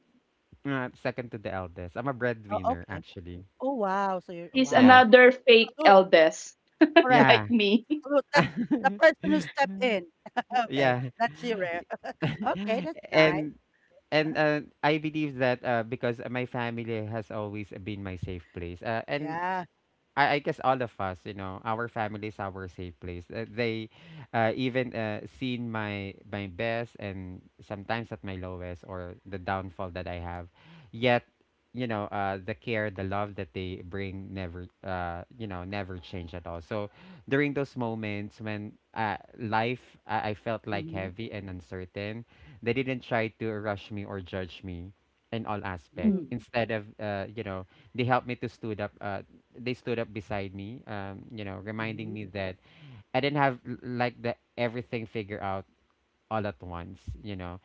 Speaker 3: second to the eldest, I'm a
Speaker 1: Oh,
Speaker 3: breadwinner
Speaker 1: okay.
Speaker 3: actually.
Speaker 1: Oh, wow. So you're
Speaker 2: He's
Speaker 3: Yeah,
Speaker 1: wow.
Speaker 2: another fake
Speaker 1: Salute.
Speaker 2: eldest *laughs*
Speaker 1: Correct.
Speaker 3: yeah,
Speaker 2: like me.
Speaker 1: Salute. That's the
Speaker 3: *laughs*
Speaker 1: person who stepped in. *laughs* Okay.
Speaker 3: yeah.
Speaker 1: That's you, Rare. *laughs* Okay, that's
Speaker 3: *laughs*
Speaker 1: nice.
Speaker 3: and
Speaker 1: Uh,
Speaker 3: and I believe that because my family has always been my safe place. And
Speaker 1: Yeah.
Speaker 3: I guess all of us, our family is our safe place. They even seen my best and sometimes at my lowest or the downfall that I have. Yet, the care, the love that they bring never, never change at all. So during those moments when life I felt like
Speaker 1: Mm-hmm.
Speaker 3: heavy and uncertain, they didn't try to rush me or judge me in all aspect.
Speaker 1: Mm-hmm.
Speaker 2: Mm.
Speaker 3: Instead of, they helped me to stood up, beside me, reminding
Speaker 1: Mm-hmm.
Speaker 3: me that I didn't have like the everything figured out all at once,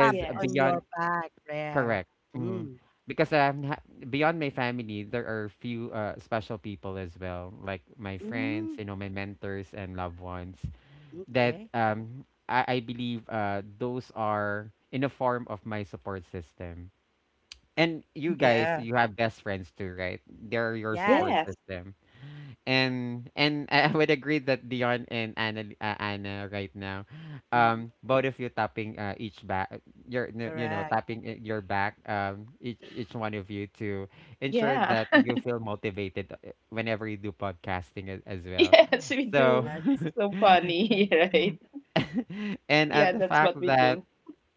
Speaker 1: Tap
Speaker 2: Yes.
Speaker 1: on
Speaker 3: beyond
Speaker 1: your back, Rare.
Speaker 3: correct, mhm.
Speaker 1: Mm.
Speaker 3: Because beyond my family, there are few special people as well, like my friends,
Speaker 1: Mm.
Speaker 3: my mentors and loved ones that
Speaker 1: Okay.
Speaker 3: I believe those are in a form of my support system and you
Speaker 2: Mhm.
Speaker 3: guys,
Speaker 1: Yeah.
Speaker 3: you have best friends too, right? They're your
Speaker 1: Yes.
Speaker 3: support
Speaker 2: Yes.
Speaker 3: system. And *laughs* I would agree that Dion and Anna, Anna right now,
Speaker 1: Mhm.
Speaker 3: both of you tapping each back, your n- you know
Speaker 1: Correct.
Speaker 3: tapping your back, each one of you to ensure
Speaker 2: Yeah.
Speaker 3: that
Speaker 2: *laughs*
Speaker 3: you feel motivated whenever you do podcasting as well.
Speaker 2: Yes, we
Speaker 3: So,
Speaker 2: do.
Speaker 1: Yes.
Speaker 2: So funny, *laughs* right?
Speaker 3: *laughs* and
Speaker 2: Yeah,
Speaker 3: the
Speaker 2: that's
Speaker 3: fact
Speaker 2: what we
Speaker 3: that
Speaker 2: do.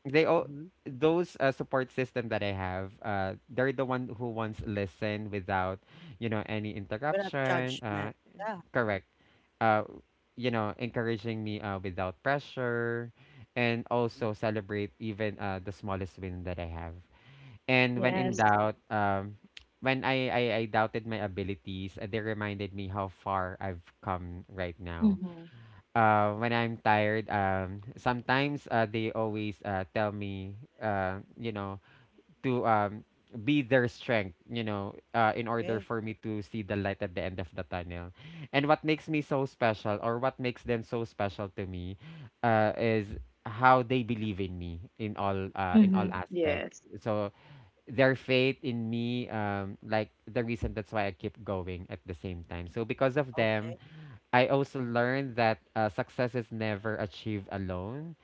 Speaker 3: they all
Speaker 1: Mhm.
Speaker 3: those support system that I have, they're the one who wants listen without, any
Speaker 1: Without
Speaker 3: interruption.
Speaker 1: judgment. Yeah.
Speaker 3: Correct. Uh, you know, encouraging me without pressure, and also celebrate even the smallest win that I have. And when in
Speaker 2: Yes.
Speaker 1: Mm,
Speaker 3: doubt, when I doubted my abilities, they reminded me how far I've come right now
Speaker 2: Mhm.
Speaker 3: when I'm tired, sometimes they always tell me, you know, to be their strength, you know, in order
Speaker 1: okay.
Speaker 3: for me to see the light at the end of the tunnel. And what makes me so special, or what makes them so special to me, is how they believe in me in all
Speaker 2: Mhm.
Speaker 3: aspects.
Speaker 2: Yes.
Speaker 3: So their faith in me, like the reason that's why I keep going at the same time. So because of them,
Speaker 1: Okay.
Speaker 3: I also learned that success is never achieved alone,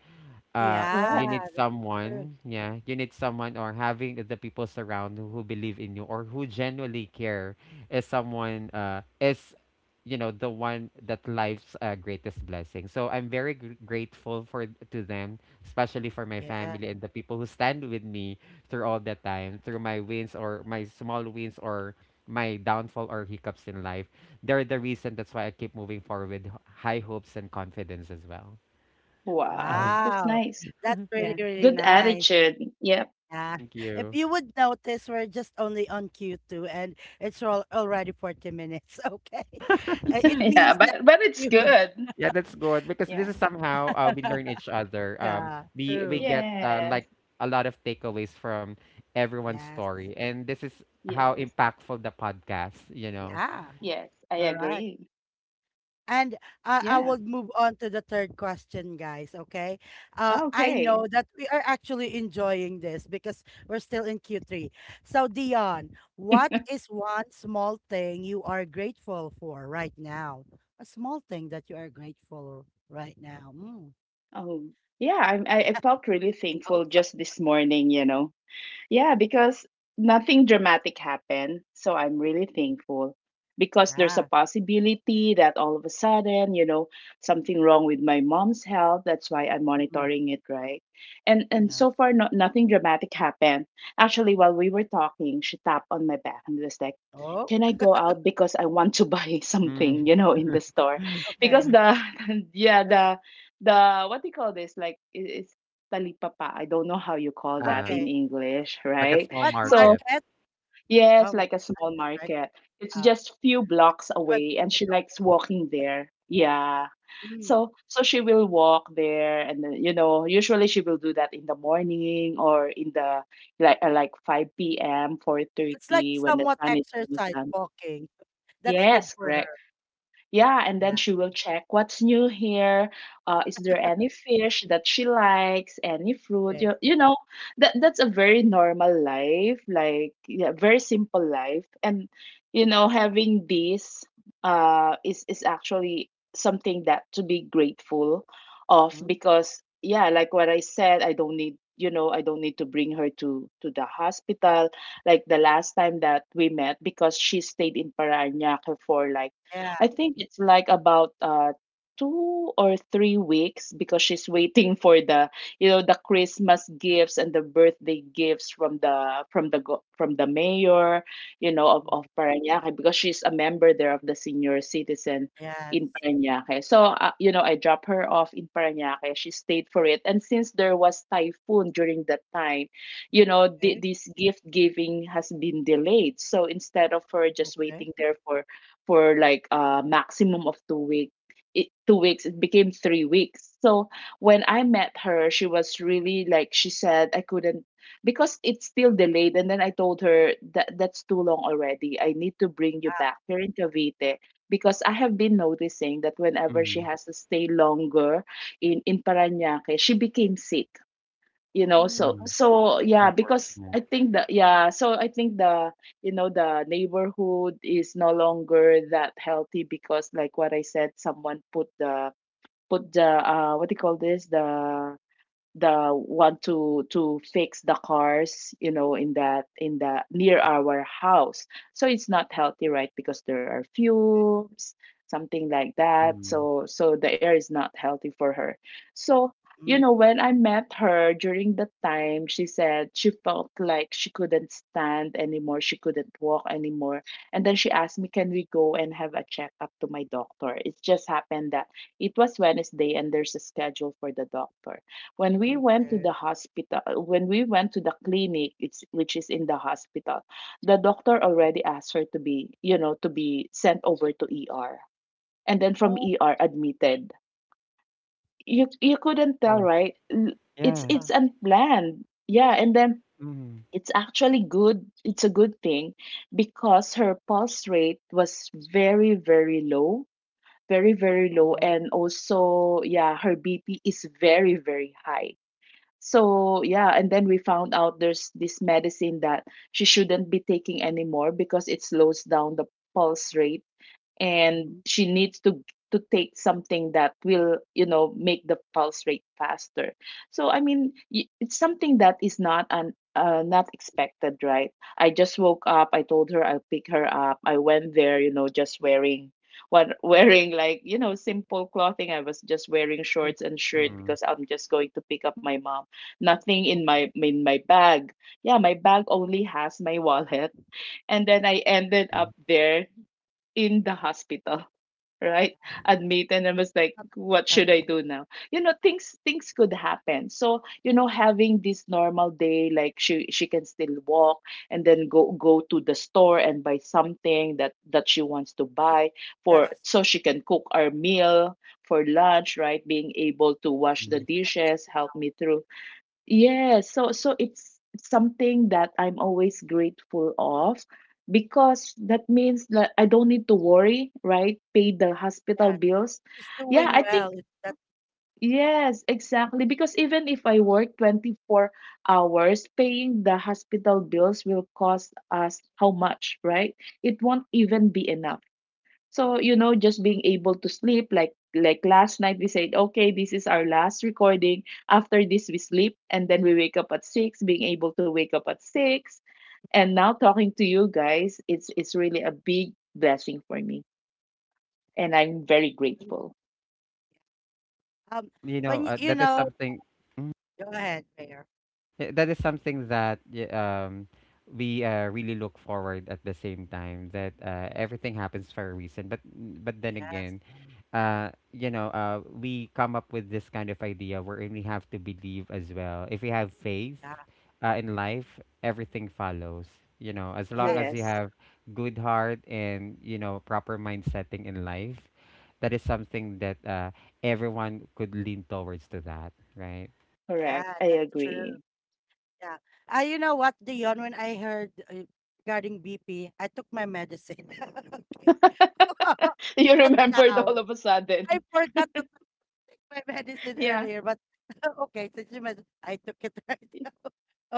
Speaker 3: uh,
Speaker 1: Yeah,
Speaker 3: you need
Speaker 2: Correct.
Speaker 1: that's true.
Speaker 3: someone, yeah, you need someone or having the people surround who, believe in you or who genuinely care is someone, is you know, the one that life's greatest blessing. So I'm very grateful for to them, especially for my
Speaker 1: Yeah.
Speaker 3: family and the people who stand with me through all the time, through my wins or my small wins or my downfall or hiccups in life. They're the reason that's why I keep moving forward with high hopes and confidence as well.
Speaker 2: Wow.
Speaker 3: *laughs*
Speaker 2: That's
Speaker 1: Wow.
Speaker 2: nice.
Speaker 1: That's really,
Speaker 2: Yeah.
Speaker 1: really
Speaker 2: Good
Speaker 1: nice.
Speaker 2: attitude. Yeah.
Speaker 1: Yeah. *laughs*
Speaker 3: Thank
Speaker 1: If
Speaker 3: you.
Speaker 1: you would notice, we're just only on Q2 and it's already 40 minutes. *laughs* Okay.
Speaker 2: *laughs*
Speaker 1: It
Speaker 2: Yeah.
Speaker 1: means that
Speaker 2: But it's
Speaker 1: you,
Speaker 2: good.
Speaker 3: Yeah, that's good because this
Speaker 2: Yeah.
Speaker 3: is somehow we learn each
Speaker 1: *laughs*
Speaker 3: other. Um,
Speaker 1: yeah,
Speaker 3: we we
Speaker 1: true.
Speaker 3: get
Speaker 2: Yes.
Speaker 3: like a lot of takeaways from everyone's
Speaker 1: Yes.
Speaker 3: story, and this is how
Speaker 2: Yes.
Speaker 3: impactful the podcast. You know,
Speaker 1: Yeah,
Speaker 2: Yes, I
Speaker 1: correct.
Speaker 2: agree.
Speaker 1: And
Speaker 3: yeah,
Speaker 1: I
Speaker 2: Yeah.
Speaker 1: will move on to the third question, guys. Okay. I
Speaker 2: Okay.
Speaker 1: know that we are actually enjoying this because we're still in Q3. So, Dion, what is
Speaker 2: *laughs*
Speaker 1: one small thing you are grateful for right now? A small thing that you are grateful right now. Mm.
Speaker 2: Oh, yeah, I felt really
Speaker 1: Thinking also.
Speaker 2: thankful just
Speaker 1: *laughs*
Speaker 2: this morning, you know. Yeah, because nothing dramatic happened. So I'm really thankful because there's a
Speaker 1: Yeah.
Speaker 2: possibility that all of a sudden, you know, something wrong with my mom's health. That's why I'm
Speaker 1: Mm-mm.
Speaker 2: monitoring it, right? And
Speaker 1: Yes.
Speaker 2: so far, no, nothing dramatic happened. Actually, while we were talking, she tapped on my back and was like,
Speaker 1: Oh,
Speaker 2: "Can I go out because I want to *laughs* buy something,
Speaker 3: mm,
Speaker 2: you know, in the store?" Because
Speaker 1: okay.
Speaker 2: the *laughs* yeah, the what do you call this? Like it's talipapa. I don't know how you call
Speaker 3: *laughs*
Speaker 2: that
Speaker 3: uh,
Speaker 2: in
Speaker 1: Okay.
Speaker 2: English,
Speaker 3: like a
Speaker 2: right?
Speaker 3: small
Speaker 1: What
Speaker 2: So,
Speaker 3: market.
Speaker 1: market?
Speaker 2: yes,
Speaker 1: Um,
Speaker 2: like a
Speaker 1: *laughs*
Speaker 2: small
Speaker 1: is it right.
Speaker 2: market. It's
Speaker 1: Uh,
Speaker 2: just few
Speaker 1: *laughs* I
Speaker 2: blocks
Speaker 1: said what
Speaker 2: away and
Speaker 1: market.
Speaker 2: she
Speaker 1: Okay.
Speaker 2: likes walking there. Yeah.
Speaker 1: Mm.
Speaker 2: So, so she will walk there and then, you know, usually she will do that in the morning or in the like 5 p.m.,
Speaker 1: It's like
Speaker 2: 4:30, when the
Speaker 1: somewhat
Speaker 2: sun is almost
Speaker 1: exercise
Speaker 2: done.
Speaker 1: walking. That's good
Speaker 2: Yes,
Speaker 1: for
Speaker 2: correct.
Speaker 1: her.
Speaker 2: Yeah, and then
Speaker 1: Yeah.
Speaker 2: she will check what's new here. Is there any fish that she likes? Any fruit?
Speaker 1: Okay.
Speaker 2: You know, that that's a very normal life, like yeah, very simple life. And you know, having this is actually something that to be grateful of,
Speaker 1: Mm.
Speaker 2: because yeah, like what I said, I don't need, you know, I don't need to bring her to the hospital like the last time that we met, because she stayed in Parañaque for like,
Speaker 1: Yeah.
Speaker 2: I think it's like about 2 or 3 weeks, because she's waiting for the, you know, the Christmas gifts and the birthday gifts from the from the from the mayor, you know,
Speaker 1: Mhm.
Speaker 2: of Parañaque, because she's a member there of the senior citizen
Speaker 1: Yes.
Speaker 2: in Parañaque. So you know, I dropped her off in Parañaque. She stayed for it, and since there was typhoon during that time, you know,
Speaker 1: Okay.
Speaker 2: this gift giving has been delayed. So instead of her just
Speaker 1: Okay.
Speaker 2: waiting there for like a maximum of 2 weeks. 2 weeks it became 3 weeks. So when I met her, she was really like, she said, I couldn't, because it's still delayed. And then I told her that that's too long already, I need to bring you
Speaker 1: Yeah.
Speaker 2: back here in Cavite, because I have been noticing that whenever she
Speaker 3: Mm,
Speaker 2: has to stay longer in paranaque she became sick, you know.
Speaker 1: Mm,
Speaker 2: So
Speaker 1: oh,
Speaker 3: mm,
Speaker 2: so
Speaker 3: it's
Speaker 2: yeah, because I
Speaker 3: unfortunate.
Speaker 2: think that yeah, so I think the, you know, the neighborhood is no longer that healthy, because like what I said, someone put the what do you call this? The one to fix the cars, you know, in that in the near our house. So it's not healthy, right? Because there are fumes, something like that.
Speaker 3: Mm.
Speaker 2: So so the air is not healthy for her. So you
Speaker 1: mm,
Speaker 2: know, when I met her during the time, she said she felt like she couldn't stand anymore, she couldn't walk anymore. And then she asked me, can we go and have a checkup to my doctor? It just happened that it was Wednesday and there's a schedule for the doctor. When we went to
Speaker 1: okay.
Speaker 2: the hospital, when we went to the clinic, it's which is in the hospital, the doctor already asked her to be, you know, to be sent over to ER, and then from
Speaker 1: Oh,
Speaker 2: ER admitted. You couldn't tell,
Speaker 3: Oh
Speaker 2: right, L-? it's
Speaker 3: yeah.
Speaker 1: uh,
Speaker 2: it's unplanned. Yeah. And then
Speaker 3: Mm,
Speaker 2: it's actually good, it's a good thing, because her pulse rate was very, very low, very, very low,
Speaker 1: oh,
Speaker 2: and also yeah, her BP is very, very high. So yeah, and then we found out there's this medicine that she shouldn't be taking anymore, because it slows down the pulse rate, and
Speaker 1: mm-hmm.
Speaker 2: she needs to take something that will, you know, make the pulse rate faster. So I mean, it's something that is not an not expected, right? I just woke up, I told her I'll pick her up, I went there, you know, just wearing what *laughs* wearing like, you know, simple clothing. I was just wearing
Speaker 1: Mm,
Speaker 2: shorts and shirt
Speaker 3: mm,
Speaker 2: because I'm just going to pick up my mom, nothing in my
Speaker 1: okay.
Speaker 2: bag. Yeah, my bag only has my wallet, and then I ended up
Speaker 3: mm,
Speaker 2: there in the hospital, right *laughs* admit, and I was like,
Speaker 1: Not
Speaker 2: what should I
Speaker 1: expected.
Speaker 2: do now? You know, things could happen. So you know, having this normal day, like she can still walk and then go to the store and buy something that she wants to
Speaker 1: It's
Speaker 2: buy for,
Speaker 1: stress.
Speaker 2: so she can cook our meal for lunch, right? Being able to
Speaker 3: yeah.
Speaker 2: wash
Speaker 3: Mm.
Speaker 2: the dishes
Speaker 1: Take
Speaker 2: helped me through. Yeah, so so it's something that I'm always grateful of, because that means that I don't need to worry, right? Pay the hospital
Speaker 1: that.
Speaker 2: bills.
Speaker 1: Just
Speaker 2: Yeah,
Speaker 1: doing
Speaker 2: I
Speaker 1: well.
Speaker 2: think,
Speaker 1: It's that
Speaker 2: yes, exactly. Because even if I work 24 hours, paying the hospital bills will cost us how much, right? It won't even be enough. So, you know, just being able to sleep, like last night we said, okay, this is our last recording. After this we sleep, and then we wake up at six, being able to wake up at six. And now talking to you guys, it's really a big blessing for me. And I'm very
Speaker 1: mm,
Speaker 2: grateful.
Speaker 1: um
Speaker 3: Well, you know,
Speaker 1: when you
Speaker 3: that is
Speaker 1: know,
Speaker 3: something.
Speaker 1: go ahead, Mayor.
Speaker 3: Yeah, that is something that we really look forward at the same time that everything happens for a reason, but then
Speaker 1: Yes.
Speaker 3: again you know, we come up with this kind of idea wherein we have to believe as well. If we have faith,
Speaker 1: Yeah.
Speaker 3: in life everything follows, you know, as long
Speaker 1: Yes.
Speaker 3: as you
Speaker 2: Yes,
Speaker 3: have good heart and you know proper mind setting in life, that is something that everyone could lean towards to, that right?
Speaker 2: correct.
Speaker 1: Yeah,
Speaker 2: I
Speaker 1: that's true.
Speaker 2: agree.
Speaker 1: Yeah. You know what, Dion, when I heard regarding BP, I took my medicine. *laughs* Okay. *laughs*
Speaker 2: *laughs* You
Speaker 1: Just
Speaker 2: remembered all
Speaker 1: now.
Speaker 2: of a sudden.
Speaker 1: I
Speaker 2: *laughs*
Speaker 1: forgot to take my medicine
Speaker 2: Yeah.
Speaker 1: earlier, but *laughs* okay, since you mentioned, I took it right *laughs* now.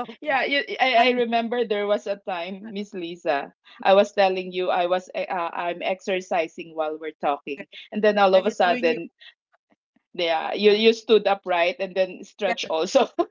Speaker 1: Okay.
Speaker 2: Yeah, you, I
Speaker 1: And
Speaker 2: remember there was a time, Miss Lisa, I was telling you I was I'm exercising while we're talking, and then all
Speaker 1: yeah,
Speaker 2: of a
Speaker 1: you're doing you.
Speaker 2: sudden, yeah, you
Speaker 1: Yeah.
Speaker 2: stood upright and then stretch
Speaker 1: Yes.
Speaker 2: also. *laughs*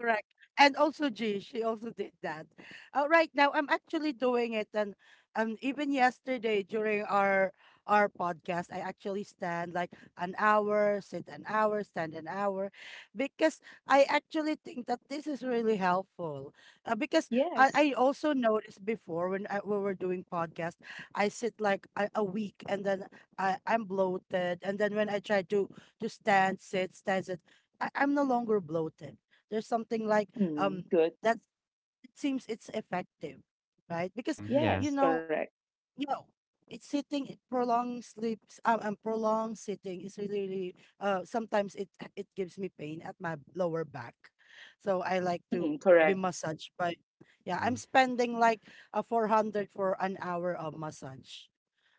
Speaker 1: Correct. And also G, she also did that. Right now, I'm actually doing it, and even yesterday during our podcast, I actually stand like an hour, sit an hour, stand an hour, because I actually think that this is really helpful. Because I
Speaker 2: Yes.
Speaker 1: also noticed before when when we're doing podcast, I sit like a week, and then I'm bloated, and then when I try to stand, sit, I'm no longer bloated. There's something like
Speaker 2: Mm,
Speaker 1: um
Speaker 2: good.
Speaker 1: that it seems it's effective, right? Because
Speaker 3: Mm, yeah.
Speaker 1: you
Speaker 2: Yes,
Speaker 1: know
Speaker 2: correct.
Speaker 1: you know it's sitting, it prolonged sleeps, and prolonged sitting is really, really sometimes it it gives me pain at my lower back. So I like to
Speaker 2: Mm,
Speaker 1: be
Speaker 2: correct.
Speaker 1: massaged by. Yeah,
Speaker 3: Hmm.
Speaker 1: I'm spending like a 400 for an hour of massage.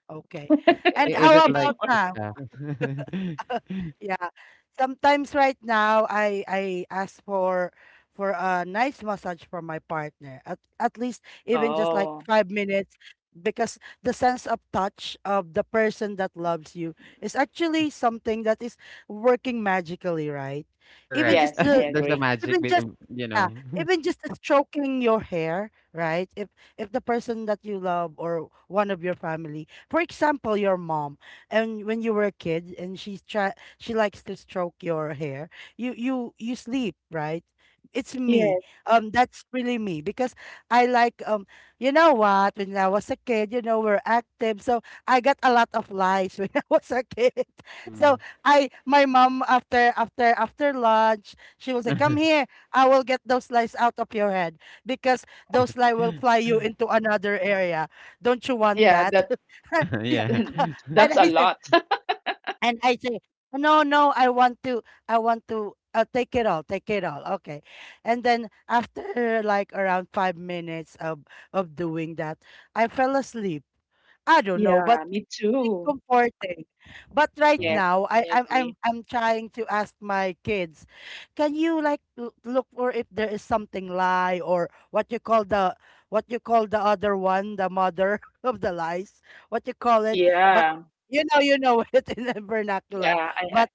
Speaker 1: Okay. And
Speaker 3: I is
Speaker 2: *laughs*
Speaker 1: how
Speaker 3: it
Speaker 2: Yeah,
Speaker 3: like
Speaker 1: about
Speaker 2: more-
Speaker 3: the
Speaker 1: now?
Speaker 3: scam?
Speaker 1: *laughs*
Speaker 3: *laughs*
Speaker 1: Yeah. Sometimes right now I ask for a nice massage from my partner. At least even just like
Speaker 2: oh,
Speaker 1: 5 minutes, because the sense of touch of the person that loves you is actually something that is working magically, right? Even
Speaker 3: Correct.
Speaker 1: just
Speaker 2: yes,
Speaker 1: the,
Speaker 3: *laughs*
Speaker 2: I
Speaker 3: There's a
Speaker 2: agree.
Speaker 3: magic
Speaker 1: even
Speaker 3: bit
Speaker 1: just,
Speaker 3: you
Speaker 1: yeah,
Speaker 3: know. *laughs*
Speaker 1: even just stroking your hair, right? If the person that you love or one of your family, for example, your mom, and when you were a kid and she likes to stroke your hair, you sleep, right? It's me.
Speaker 2: Yes.
Speaker 1: That's really me because I like you know what? When I was a kid, you know, we're active, so I got a lot of lies *laughs* when I was a kid. So
Speaker 3: Mhm.
Speaker 1: I, my mom, after lunch, she was like, "Come
Speaker 3: *laughs*
Speaker 1: here. I will get those lies out of your head because those lies will fly you into another area. Don't you want
Speaker 2: Yeah,
Speaker 1: that?"
Speaker 2: that
Speaker 1: *laughs* Yeah.
Speaker 3: Yeah.
Speaker 1: *laughs*
Speaker 2: *laughs* that's
Speaker 1: And
Speaker 2: a
Speaker 1: I say,
Speaker 2: lot.
Speaker 1: and I say, no, no, I want to take it all, take it all. Okay. And then after like around 5 minutes of doing that, I fell asleep. I
Speaker 2: *laughs*
Speaker 1: don't know, but
Speaker 2: Yeah, me
Speaker 1: really
Speaker 2: too.
Speaker 1: comforting. But
Speaker 3: Yeah.
Speaker 1: right
Speaker 2: Yes,
Speaker 1: now, I,
Speaker 2: I agree.
Speaker 1: I'm trying to ask my kids, can you like l- look for if there is something lie or what you call the what you call the other one, the mother *laughs* of the lies, what you call it? But
Speaker 2: Yeah.
Speaker 1: you know *laughs* it in the vernacular.
Speaker 2: Yeah, I.
Speaker 1: But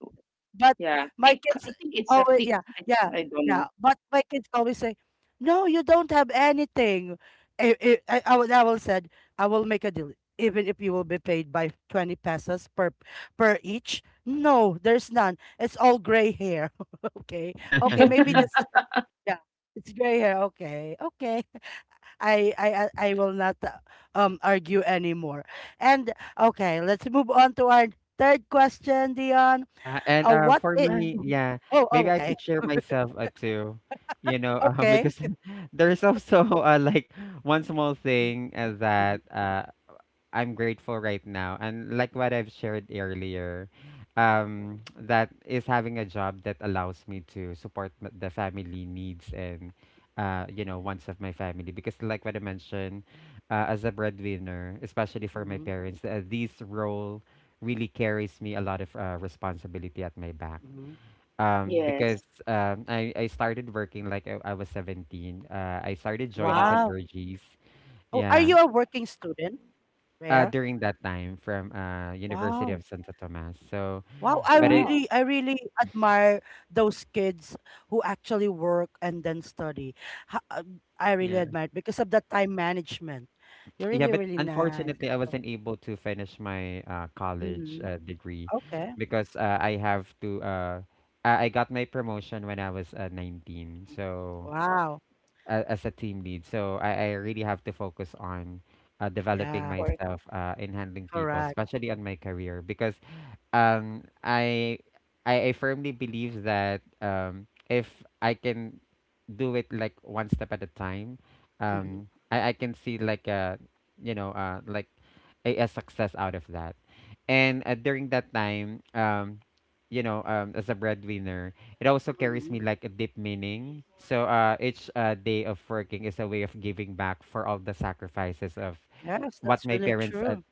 Speaker 1: but
Speaker 2: Yeah,
Speaker 1: my
Speaker 2: thick.
Speaker 1: kids
Speaker 2: I think it's a
Speaker 1: always,
Speaker 2: thick.
Speaker 1: yeah, yeah,
Speaker 2: I don't
Speaker 1: yeah.
Speaker 2: know.
Speaker 1: But my kids always say, "No, you don't have anything." I will said, "I will make a deal, even if you will be paid by 20 pesos per per each." No, there's none. It's all gray hair. *laughs* Okay, okay, maybe this.
Speaker 2: *laughs*
Speaker 1: *laughs* Yeah, it's gray hair. Okay, okay. *laughs* I will not argue anymore. And okay, let's move on to our third question, Dion.
Speaker 3: Yeah, and,
Speaker 1: What
Speaker 3: for
Speaker 1: it
Speaker 2: Uh,
Speaker 3: me,
Speaker 1: mhm.
Speaker 3: yeah,
Speaker 1: Oh,
Speaker 3: maybe I
Speaker 1: okay.
Speaker 3: could share myself, too, you know. *laughs*
Speaker 1: Okay.
Speaker 3: Because *laughs* there's also, like, one small
Speaker 1: Mhm,
Speaker 3: thing, uh, that,
Speaker 1: mhm,
Speaker 3: uh I'm grateful right now. And like what I've shared earlier,
Speaker 1: mhm,
Speaker 3: that is having a job that allows me to support the family needs and, you know, wants of my family. Because, like what I mentioned, as a breadwinner, especially for my
Speaker 1: mhm,
Speaker 3: parents, this role really carries me a lot of responsibility at my back.
Speaker 1: mhm.
Speaker 3: Because
Speaker 2: yes.
Speaker 3: I started working like I was 17. I started joining
Speaker 2: Wow.
Speaker 1: Wow.
Speaker 3: Converges.
Speaker 1: Oh, are you
Speaker 3: Yeah,
Speaker 1: a working student, Rare?
Speaker 3: during that time from University
Speaker 1: Wow.
Speaker 3: of Santo Tomas. So,
Speaker 1: Wow,
Speaker 3: but it
Speaker 2: Wow.
Speaker 1: I really admire those kids who actually work and then study. Ha- I really
Speaker 3: yeah.
Speaker 1: admire it because of the time management. You're
Speaker 3: *tsk* Yeah,
Speaker 1: really,
Speaker 3: but
Speaker 1: really nice.
Speaker 3: unfortunately I
Speaker 1: Oh,
Speaker 3: wasn't able to finish my college
Speaker 1: mhm.
Speaker 3: degree
Speaker 1: Okay.
Speaker 3: because I got my promotion when I was 19,
Speaker 1: Mm.
Speaker 3: so
Speaker 1: Wow.
Speaker 3: as a team lead. So I really have to focus on developing
Speaker 1: Yeah,
Speaker 2: Pork.
Speaker 3: myself in handling people,
Speaker 1: correct.
Speaker 3: especially on my career, because um, I, I I firmly believe that if I can do it like one step at a time,
Speaker 1: Mhm,
Speaker 3: I can see like a, you know, like a success out of that. And during that time, you know, as a breadwinner, it also carries
Speaker 1: mhm.
Speaker 3: me like a deep meaning. So each day of working is a way of giving back for all the sacrifices of
Speaker 1: Yes,
Speaker 3: what
Speaker 1: that's
Speaker 3: my
Speaker 1: really
Speaker 3: parents
Speaker 1: true.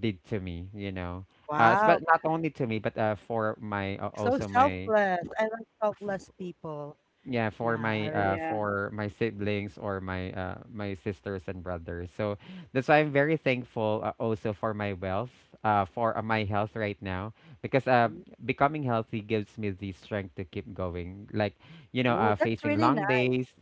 Speaker 3: did to me, you know. But
Speaker 1: Wow.
Speaker 3: not only to me, but for my
Speaker 1: So
Speaker 3: also my,
Speaker 1: selfless. I like selfless people.
Speaker 3: yeah,
Speaker 1: Yeah, I really.
Speaker 2: Yeah.
Speaker 3: for my siblings or my my sisters and brothers. So that's why I'm very thankful, also for my wealth, for my health right now, because becoming healthy gives me the strength to keep going, like you know,
Speaker 1: Oh, that's
Speaker 3: facing
Speaker 1: really
Speaker 3: long
Speaker 1: nice.
Speaker 3: days.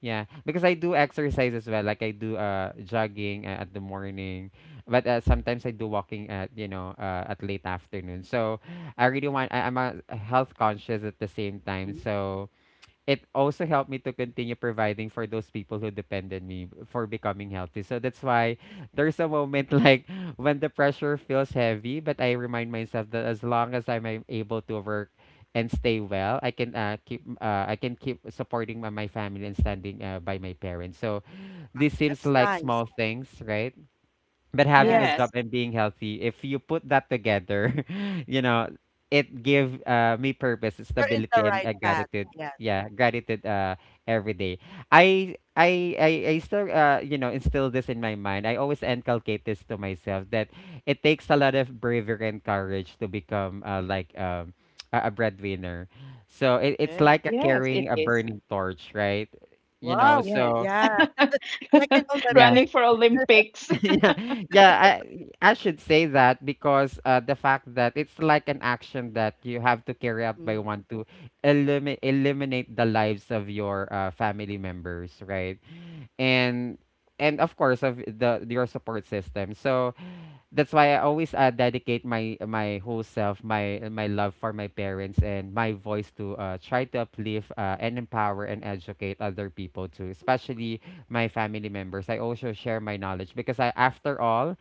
Speaker 3: Yeah, because I do exercise as well, like I do jogging at the morning, but sometimes I do walking at, you know, at late afternoon. So I really want, I'm a health conscious at the same time,
Speaker 1: Mm.
Speaker 3: so it also helped me to continue providing for those people who depended me for becoming healthy. So that's why there's a moment *laughs* like when the pressure feels heavy, but I remind myself that as long as I'm able to work and stay well, I can keep I can keep supporting my, family and standing by my parents. So this seems
Speaker 1: That's
Speaker 3: like
Speaker 1: nice.
Speaker 3: small things, right? But having a
Speaker 1: Yes.
Speaker 3: job
Speaker 2: Yes.
Speaker 3: and being healthy, if you put that together, *laughs* you know, it give me purpose,
Speaker 1: You're in the
Speaker 3: stability, and
Speaker 1: right path.
Speaker 3: gratitude.
Speaker 1: Yeah.
Speaker 3: Yeah, gratitude every day. I still you know, instill this in my mind. I always inculcate this to myself that it takes a lot of bravery and courage to become, like a breadwinner. So it, it's
Speaker 1: Okay.
Speaker 3: like a
Speaker 2: Yes,
Speaker 3: carrying
Speaker 2: it
Speaker 3: a
Speaker 2: is.
Speaker 3: burning torch, right? You know,
Speaker 1: Wow.
Speaker 2: Yes.
Speaker 3: so
Speaker 1: Yeah. Like an
Speaker 2: *laughs*
Speaker 3: yeah.
Speaker 2: Running
Speaker 1: Olympic.
Speaker 2: for Olympics.
Speaker 3: *laughs*
Speaker 2: *laughs*
Speaker 3: Yeah, yeah, I should say that because the fact that it's like an action that you have to carry out by
Speaker 1: Mm.
Speaker 3: one to eliminate the lives of your family members, right? And and of course of the your support system. So that's why I always dedicate my my whole self, my love for my parents and my voice to try to uplift and empower and educate other people too, especially my family members. I also share my knowledge because I, after all,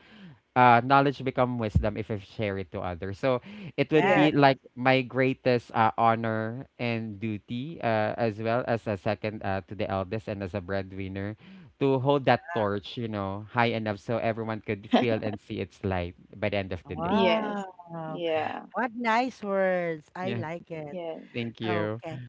Speaker 3: knowledge become wisdom if I share it to others. So it would
Speaker 2: Yeah.
Speaker 3: be
Speaker 1: Yes.
Speaker 3: like my greatest honor and duty, as well as a second to the eldest and as a breadwinner, to hold that torch, you know, high enough so everyone could feel and see its light by the end of the day.
Speaker 2: Yes.
Speaker 1: Wow.
Speaker 2: Yeah.
Speaker 1: What nice words. I
Speaker 3: Yeah.
Speaker 1: like it.
Speaker 2: Yeah.
Speaker 3: Thank you.
Speaker 1: Okay.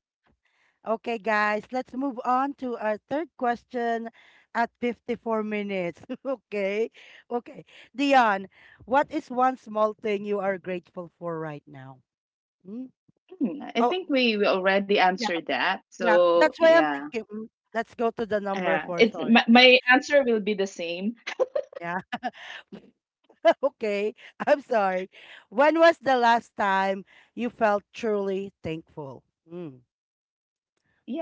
Speaker 1: Okay, guys, let's move on to our third question at 54 minutes. *laughs* Okay. Okay. Dion, what is one small thing you are grateful for right now? Hmm?
Speaker 2: Hmm, I
Speaker 1: Oh,
Speaker 2: think we already
Speaker 1: yeah.
Speaker 2: answered that.
Speaker 1: Yeah.
Speaker 2: So
Speaker 1: That's why I'm
Speaker 2: yeah.
Speaker 1: thinking. Let's go to the number four.
Speaker 2: It's
Speaker 1: Sorry. *laughs*
Speaker 2: my answer will be the same.
Speaker 1: Yeah. *laughs* Okay. I'm sorry. When was the last time you felt truly thankful? Mm,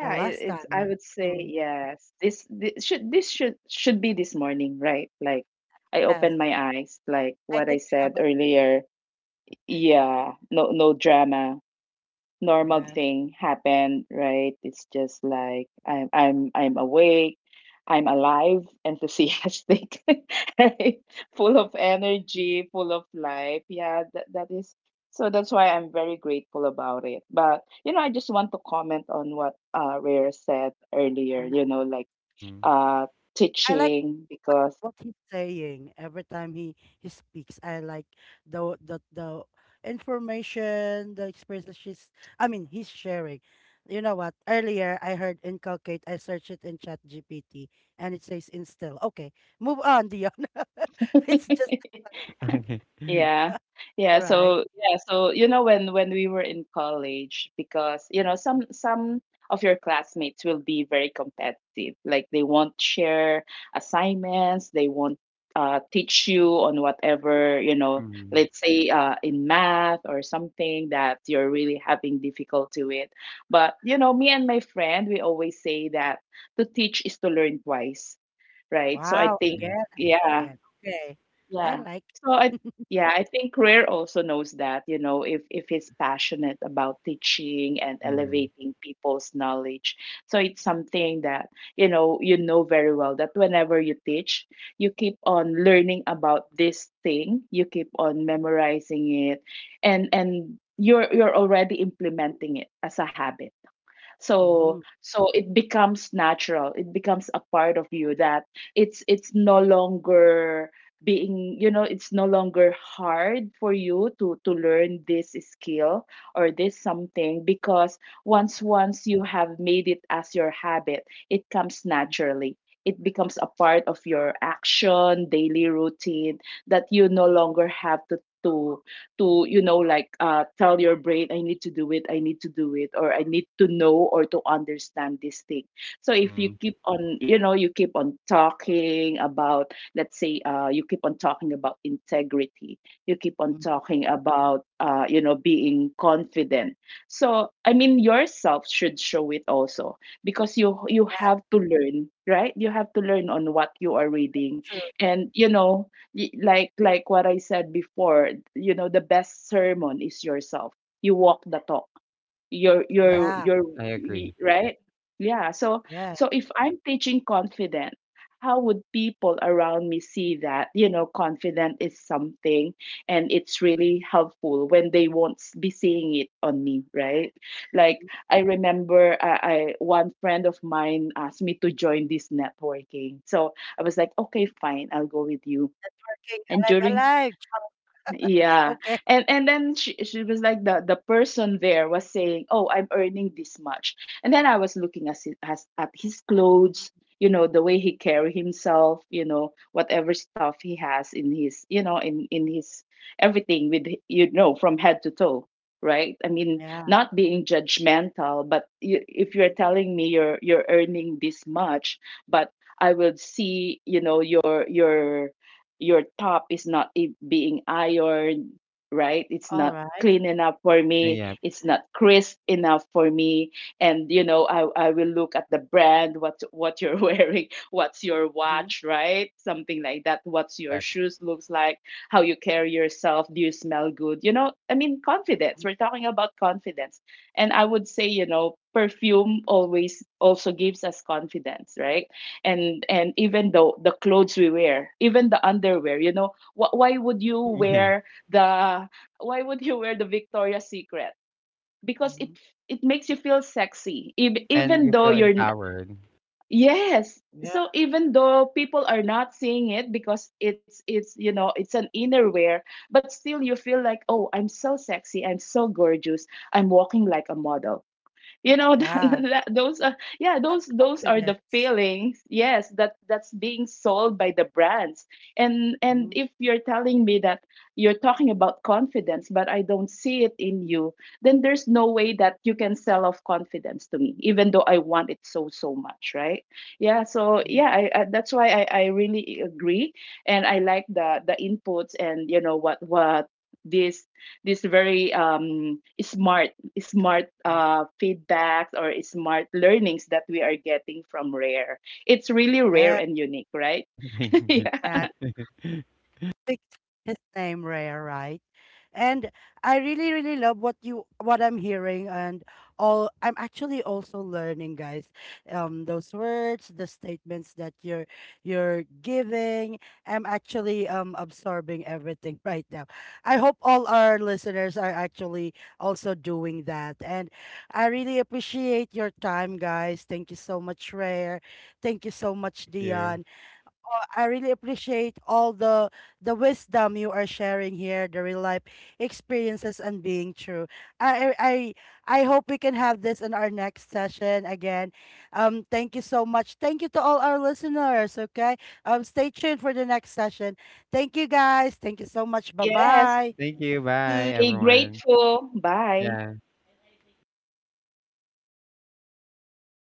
Speaker 1: the last
Speaker 2: it's I
Speaker 1: time.
Speaker 2: would say
Speaker 1: True.
Speaker 2: yes. This should be this morning, right? Like I
Speaker 1: Yes.
Speaker 2: opened my eyes, like
Speaker 1: I
Speaker 2: what I
Speaker 1: think I
Speaker 2: said
Speaker 1: have a.
Speaker 2: earlier. Yeah, no, no drama, normal
Speaker 1: Yes.
Speaker 2: thing happened, right? It's just like I'm awake, I'm alive, enthusiastic, *laughs* right? Full of
Speaker 1: Hmm.
Speaker 2: energy, full of life. Yeah, that is so that's why I'm very grateful about it. But you know, I just want to comment on what Rare said earlier,
Speaker 1: Mm.
Speaker 2: you know, like
Speaker 3: Mm. *laughs*
Speaker 2: uh
Speaker 1: I like
Speaker 2: teaching because
Speaker 1: what he's saying every time he speaks. I like the information, the experiences she's, he's sharing. You know what? Earlier I heard inculcate. I searched it in Chat GPT and it says instill. Okay, move on, Dion. *laughs* It's just
Speaker 2: *laughs*
Speaker 3: Okay.
Speaker 2: yeah. Yeah,
Speaker 1: all right.
Speaker 2: so yeah, so you know when we were in college, because you know some of your classmates will be very competitive. Like they won't share assignments, they won't teach you on whatever, you know,
Speaker 3: Mm.
Speaker 2: let's say in math or something that you're really having difficulty with. But you know, me and my friend, we always say that to teach is to learn twice, right? So I
Speaker 1: Wow,
Speaker 2: think
Speaker 3: Mm.
Speaker 1: again and
Speaker 2: yeah,
Speaker 1: again. Okay. I
Speaker 2: yeah.
Speaker 1: like.
Speaker 2: So I
Speaker 1: *laughs*
Speaker 2: yeah, I think Greer also knows that, you know, if he's passionate about teaching and
Speaker 3: Mm.
Speaker 2: elevating people's knowledge. So it's something that, you know very well that whenever you teach, you keep on learning about this thing, you keep on memorizing it, and you're already implementing it as a habit. So
Speaker 1: Mm,
Speaker 2: so it becomes natural, it becomes a part of you, that it's no longer being, you know, it's no longer hard for you to learn this skill or this something. Because once you have made it as your habit, it comes naturally, it becomes a part of your action, daily routine, that you no longer have to to you know, like tell your brain, I need to do it, I need to do it, or I need to know or to understand this thing. So if you
Speaker 3: Mm.
Speaker 2: keep on, you know, you keep on talking about, let's say you keep on talking about integrity, you keep on
Speaker 1: in
Speaker 2: talking about, you know, being confident. So I mean, yourself should show it also, because you
Speaker 1: fact,
Speaker 2: have to learn, right? You have to learn on what you are reading.
Speaker 1: true.
Speaker 2: And you know, like what I said before, you know, the best sermon is yourself. You walk the talk.
Speaker 3: Correct.
Speaker 1: Yeah,
Speaker 2: You're
Speaker 3: I agree.
Speaker 2: right? Yeah. So
Speaker 1: yeah.
Speaker 2: so if I'm teaching confident, how would people around me see that, you know, confident is something, and it's really helpful when they won't be seeing it on me, right? Like
Speaker 1: Mhm.
Speaker 2: I remember I, one friend of mine asked me to join this networking. So I was like, okay, fine, I'll go with you.
Speaker 1: King
Speaker 2: And
Speaker 1: alive,
Speaker 2: during
Speaker 1: alive.
Speaker 2: yeah,
Speaker 1: Okay.
Speaker 2: and then she was like, the person there was saying, oh, I'm earning this much. And then I was looking at his, at his
Speaker 1: Mm,
Speaker 2: clothes, you know, the way he carry himself, you know, whatever stuff he has in his, you know, in his everything, with, you know, from head to toe, right? I mean,
Speaker 1: yeah.
Speaker 2: not being judgmental, but you, if you're telling me you're earning this much, but I will see, you know, your top is not I- being ironed, right? It's
Speaker 1: All
Speaker 2: not
Speaker 1: right.
Speaker 2: clean enough for me.
Speaker 3: Yeah.
Speaker 2: It's not crisp enough for me. And you know, I will look at the brand, what you're *laughs* wearing, what's your
Speaker 1: Mhm,
Speaker 2: watch, right? Something like that. What's your
Speaker 3: Correct.
Speaker 2: shoes looks like, how you carry yourself, do you smell good? You know, I mean confidence. We're talking about confidence. And I would say, you know, perfume always also gives us confidence, right? And even though the clothes we wear, even the underwear, you know, wh- why would you
Speaker 3: *laughs* Yeah.
Speaker 2: wear the why would you wear the Victoria's Secret, because
Speaker 1: mhm.
Speaker 2: it makes you feel sexy,
Speaker 3: And
Speaker 2: even
Speaker 3: you
Speaker 2: though
Speaker 3: feel empowered.
Speaker 2: yes, so
Speaker 1: Yeah.
Speaker 2: even though people are not seeing it because it's, you know, it's an innerwear, but still you feel like, oh, I'm so sexy, I'm so gorgeous, I'm walking like a model, you know. *laughs*
Speaker 1: Yeah.
Speaker 2: That, those are, yeah,
Speaker 1: That
Speaker 2: those are the
Speaker 1: confidence.
Speaker 2: feelings, yes, that that's being sold by the brands. And
Speaker 1: Mhm,
Speaker 2: if you're telling me that you're talking about confidence, but I don't see it in you, then there's no way that you can sell off confidence to me, even though I want it so so much, right? Yeah. So
Speaker 1: mhm,
Speaker 2: yeah, I, that's why I really agree. And I like the inputs and you know what this very smart,
Speaker 1: mhm.
Speaker 2: feedbacks or smart learnings that we are getting from Rare. It's really rare
Speaker 1: Yeah.
Speaker 2: and unique, right?
Speaker 3: *laughs* Thank
Speaker 2: *laughs*
Speaker 3: you.
Speaker 2: Yeah.
Speaker 1: Yeah. Picked his name Rhea, right? And I really, really love what you, what I'm hearing, and all I'm actually also learning, guys. Those words, the statements that you're giving. I'm actually absorbing everything *laughs* right now. I hope all our listeners are actually also doing that. And I really appreciate your time, guys. Thank you so much, Rare. Thank you so much,
Speaker 3: Thank you.
Speaker 1: Dion. I really appreciate all the wisdom you are sharing here, the real life experiences and being true. I I I hope we can have this in our next session again. Thank you so much. Thank you to all our listeners. Okay. Stay tuned for the next session. Thank you guys. Thank you so much.
Speaker 2: Yes.
Speaker 1: Bye
Speaker 3: Thank you. Bye,
Speaker 1: bye.
Speaker 2: Stay
Speaker 3: everyone.
Speaker 2: grateful. Bye.
Speaker 3: Yeah.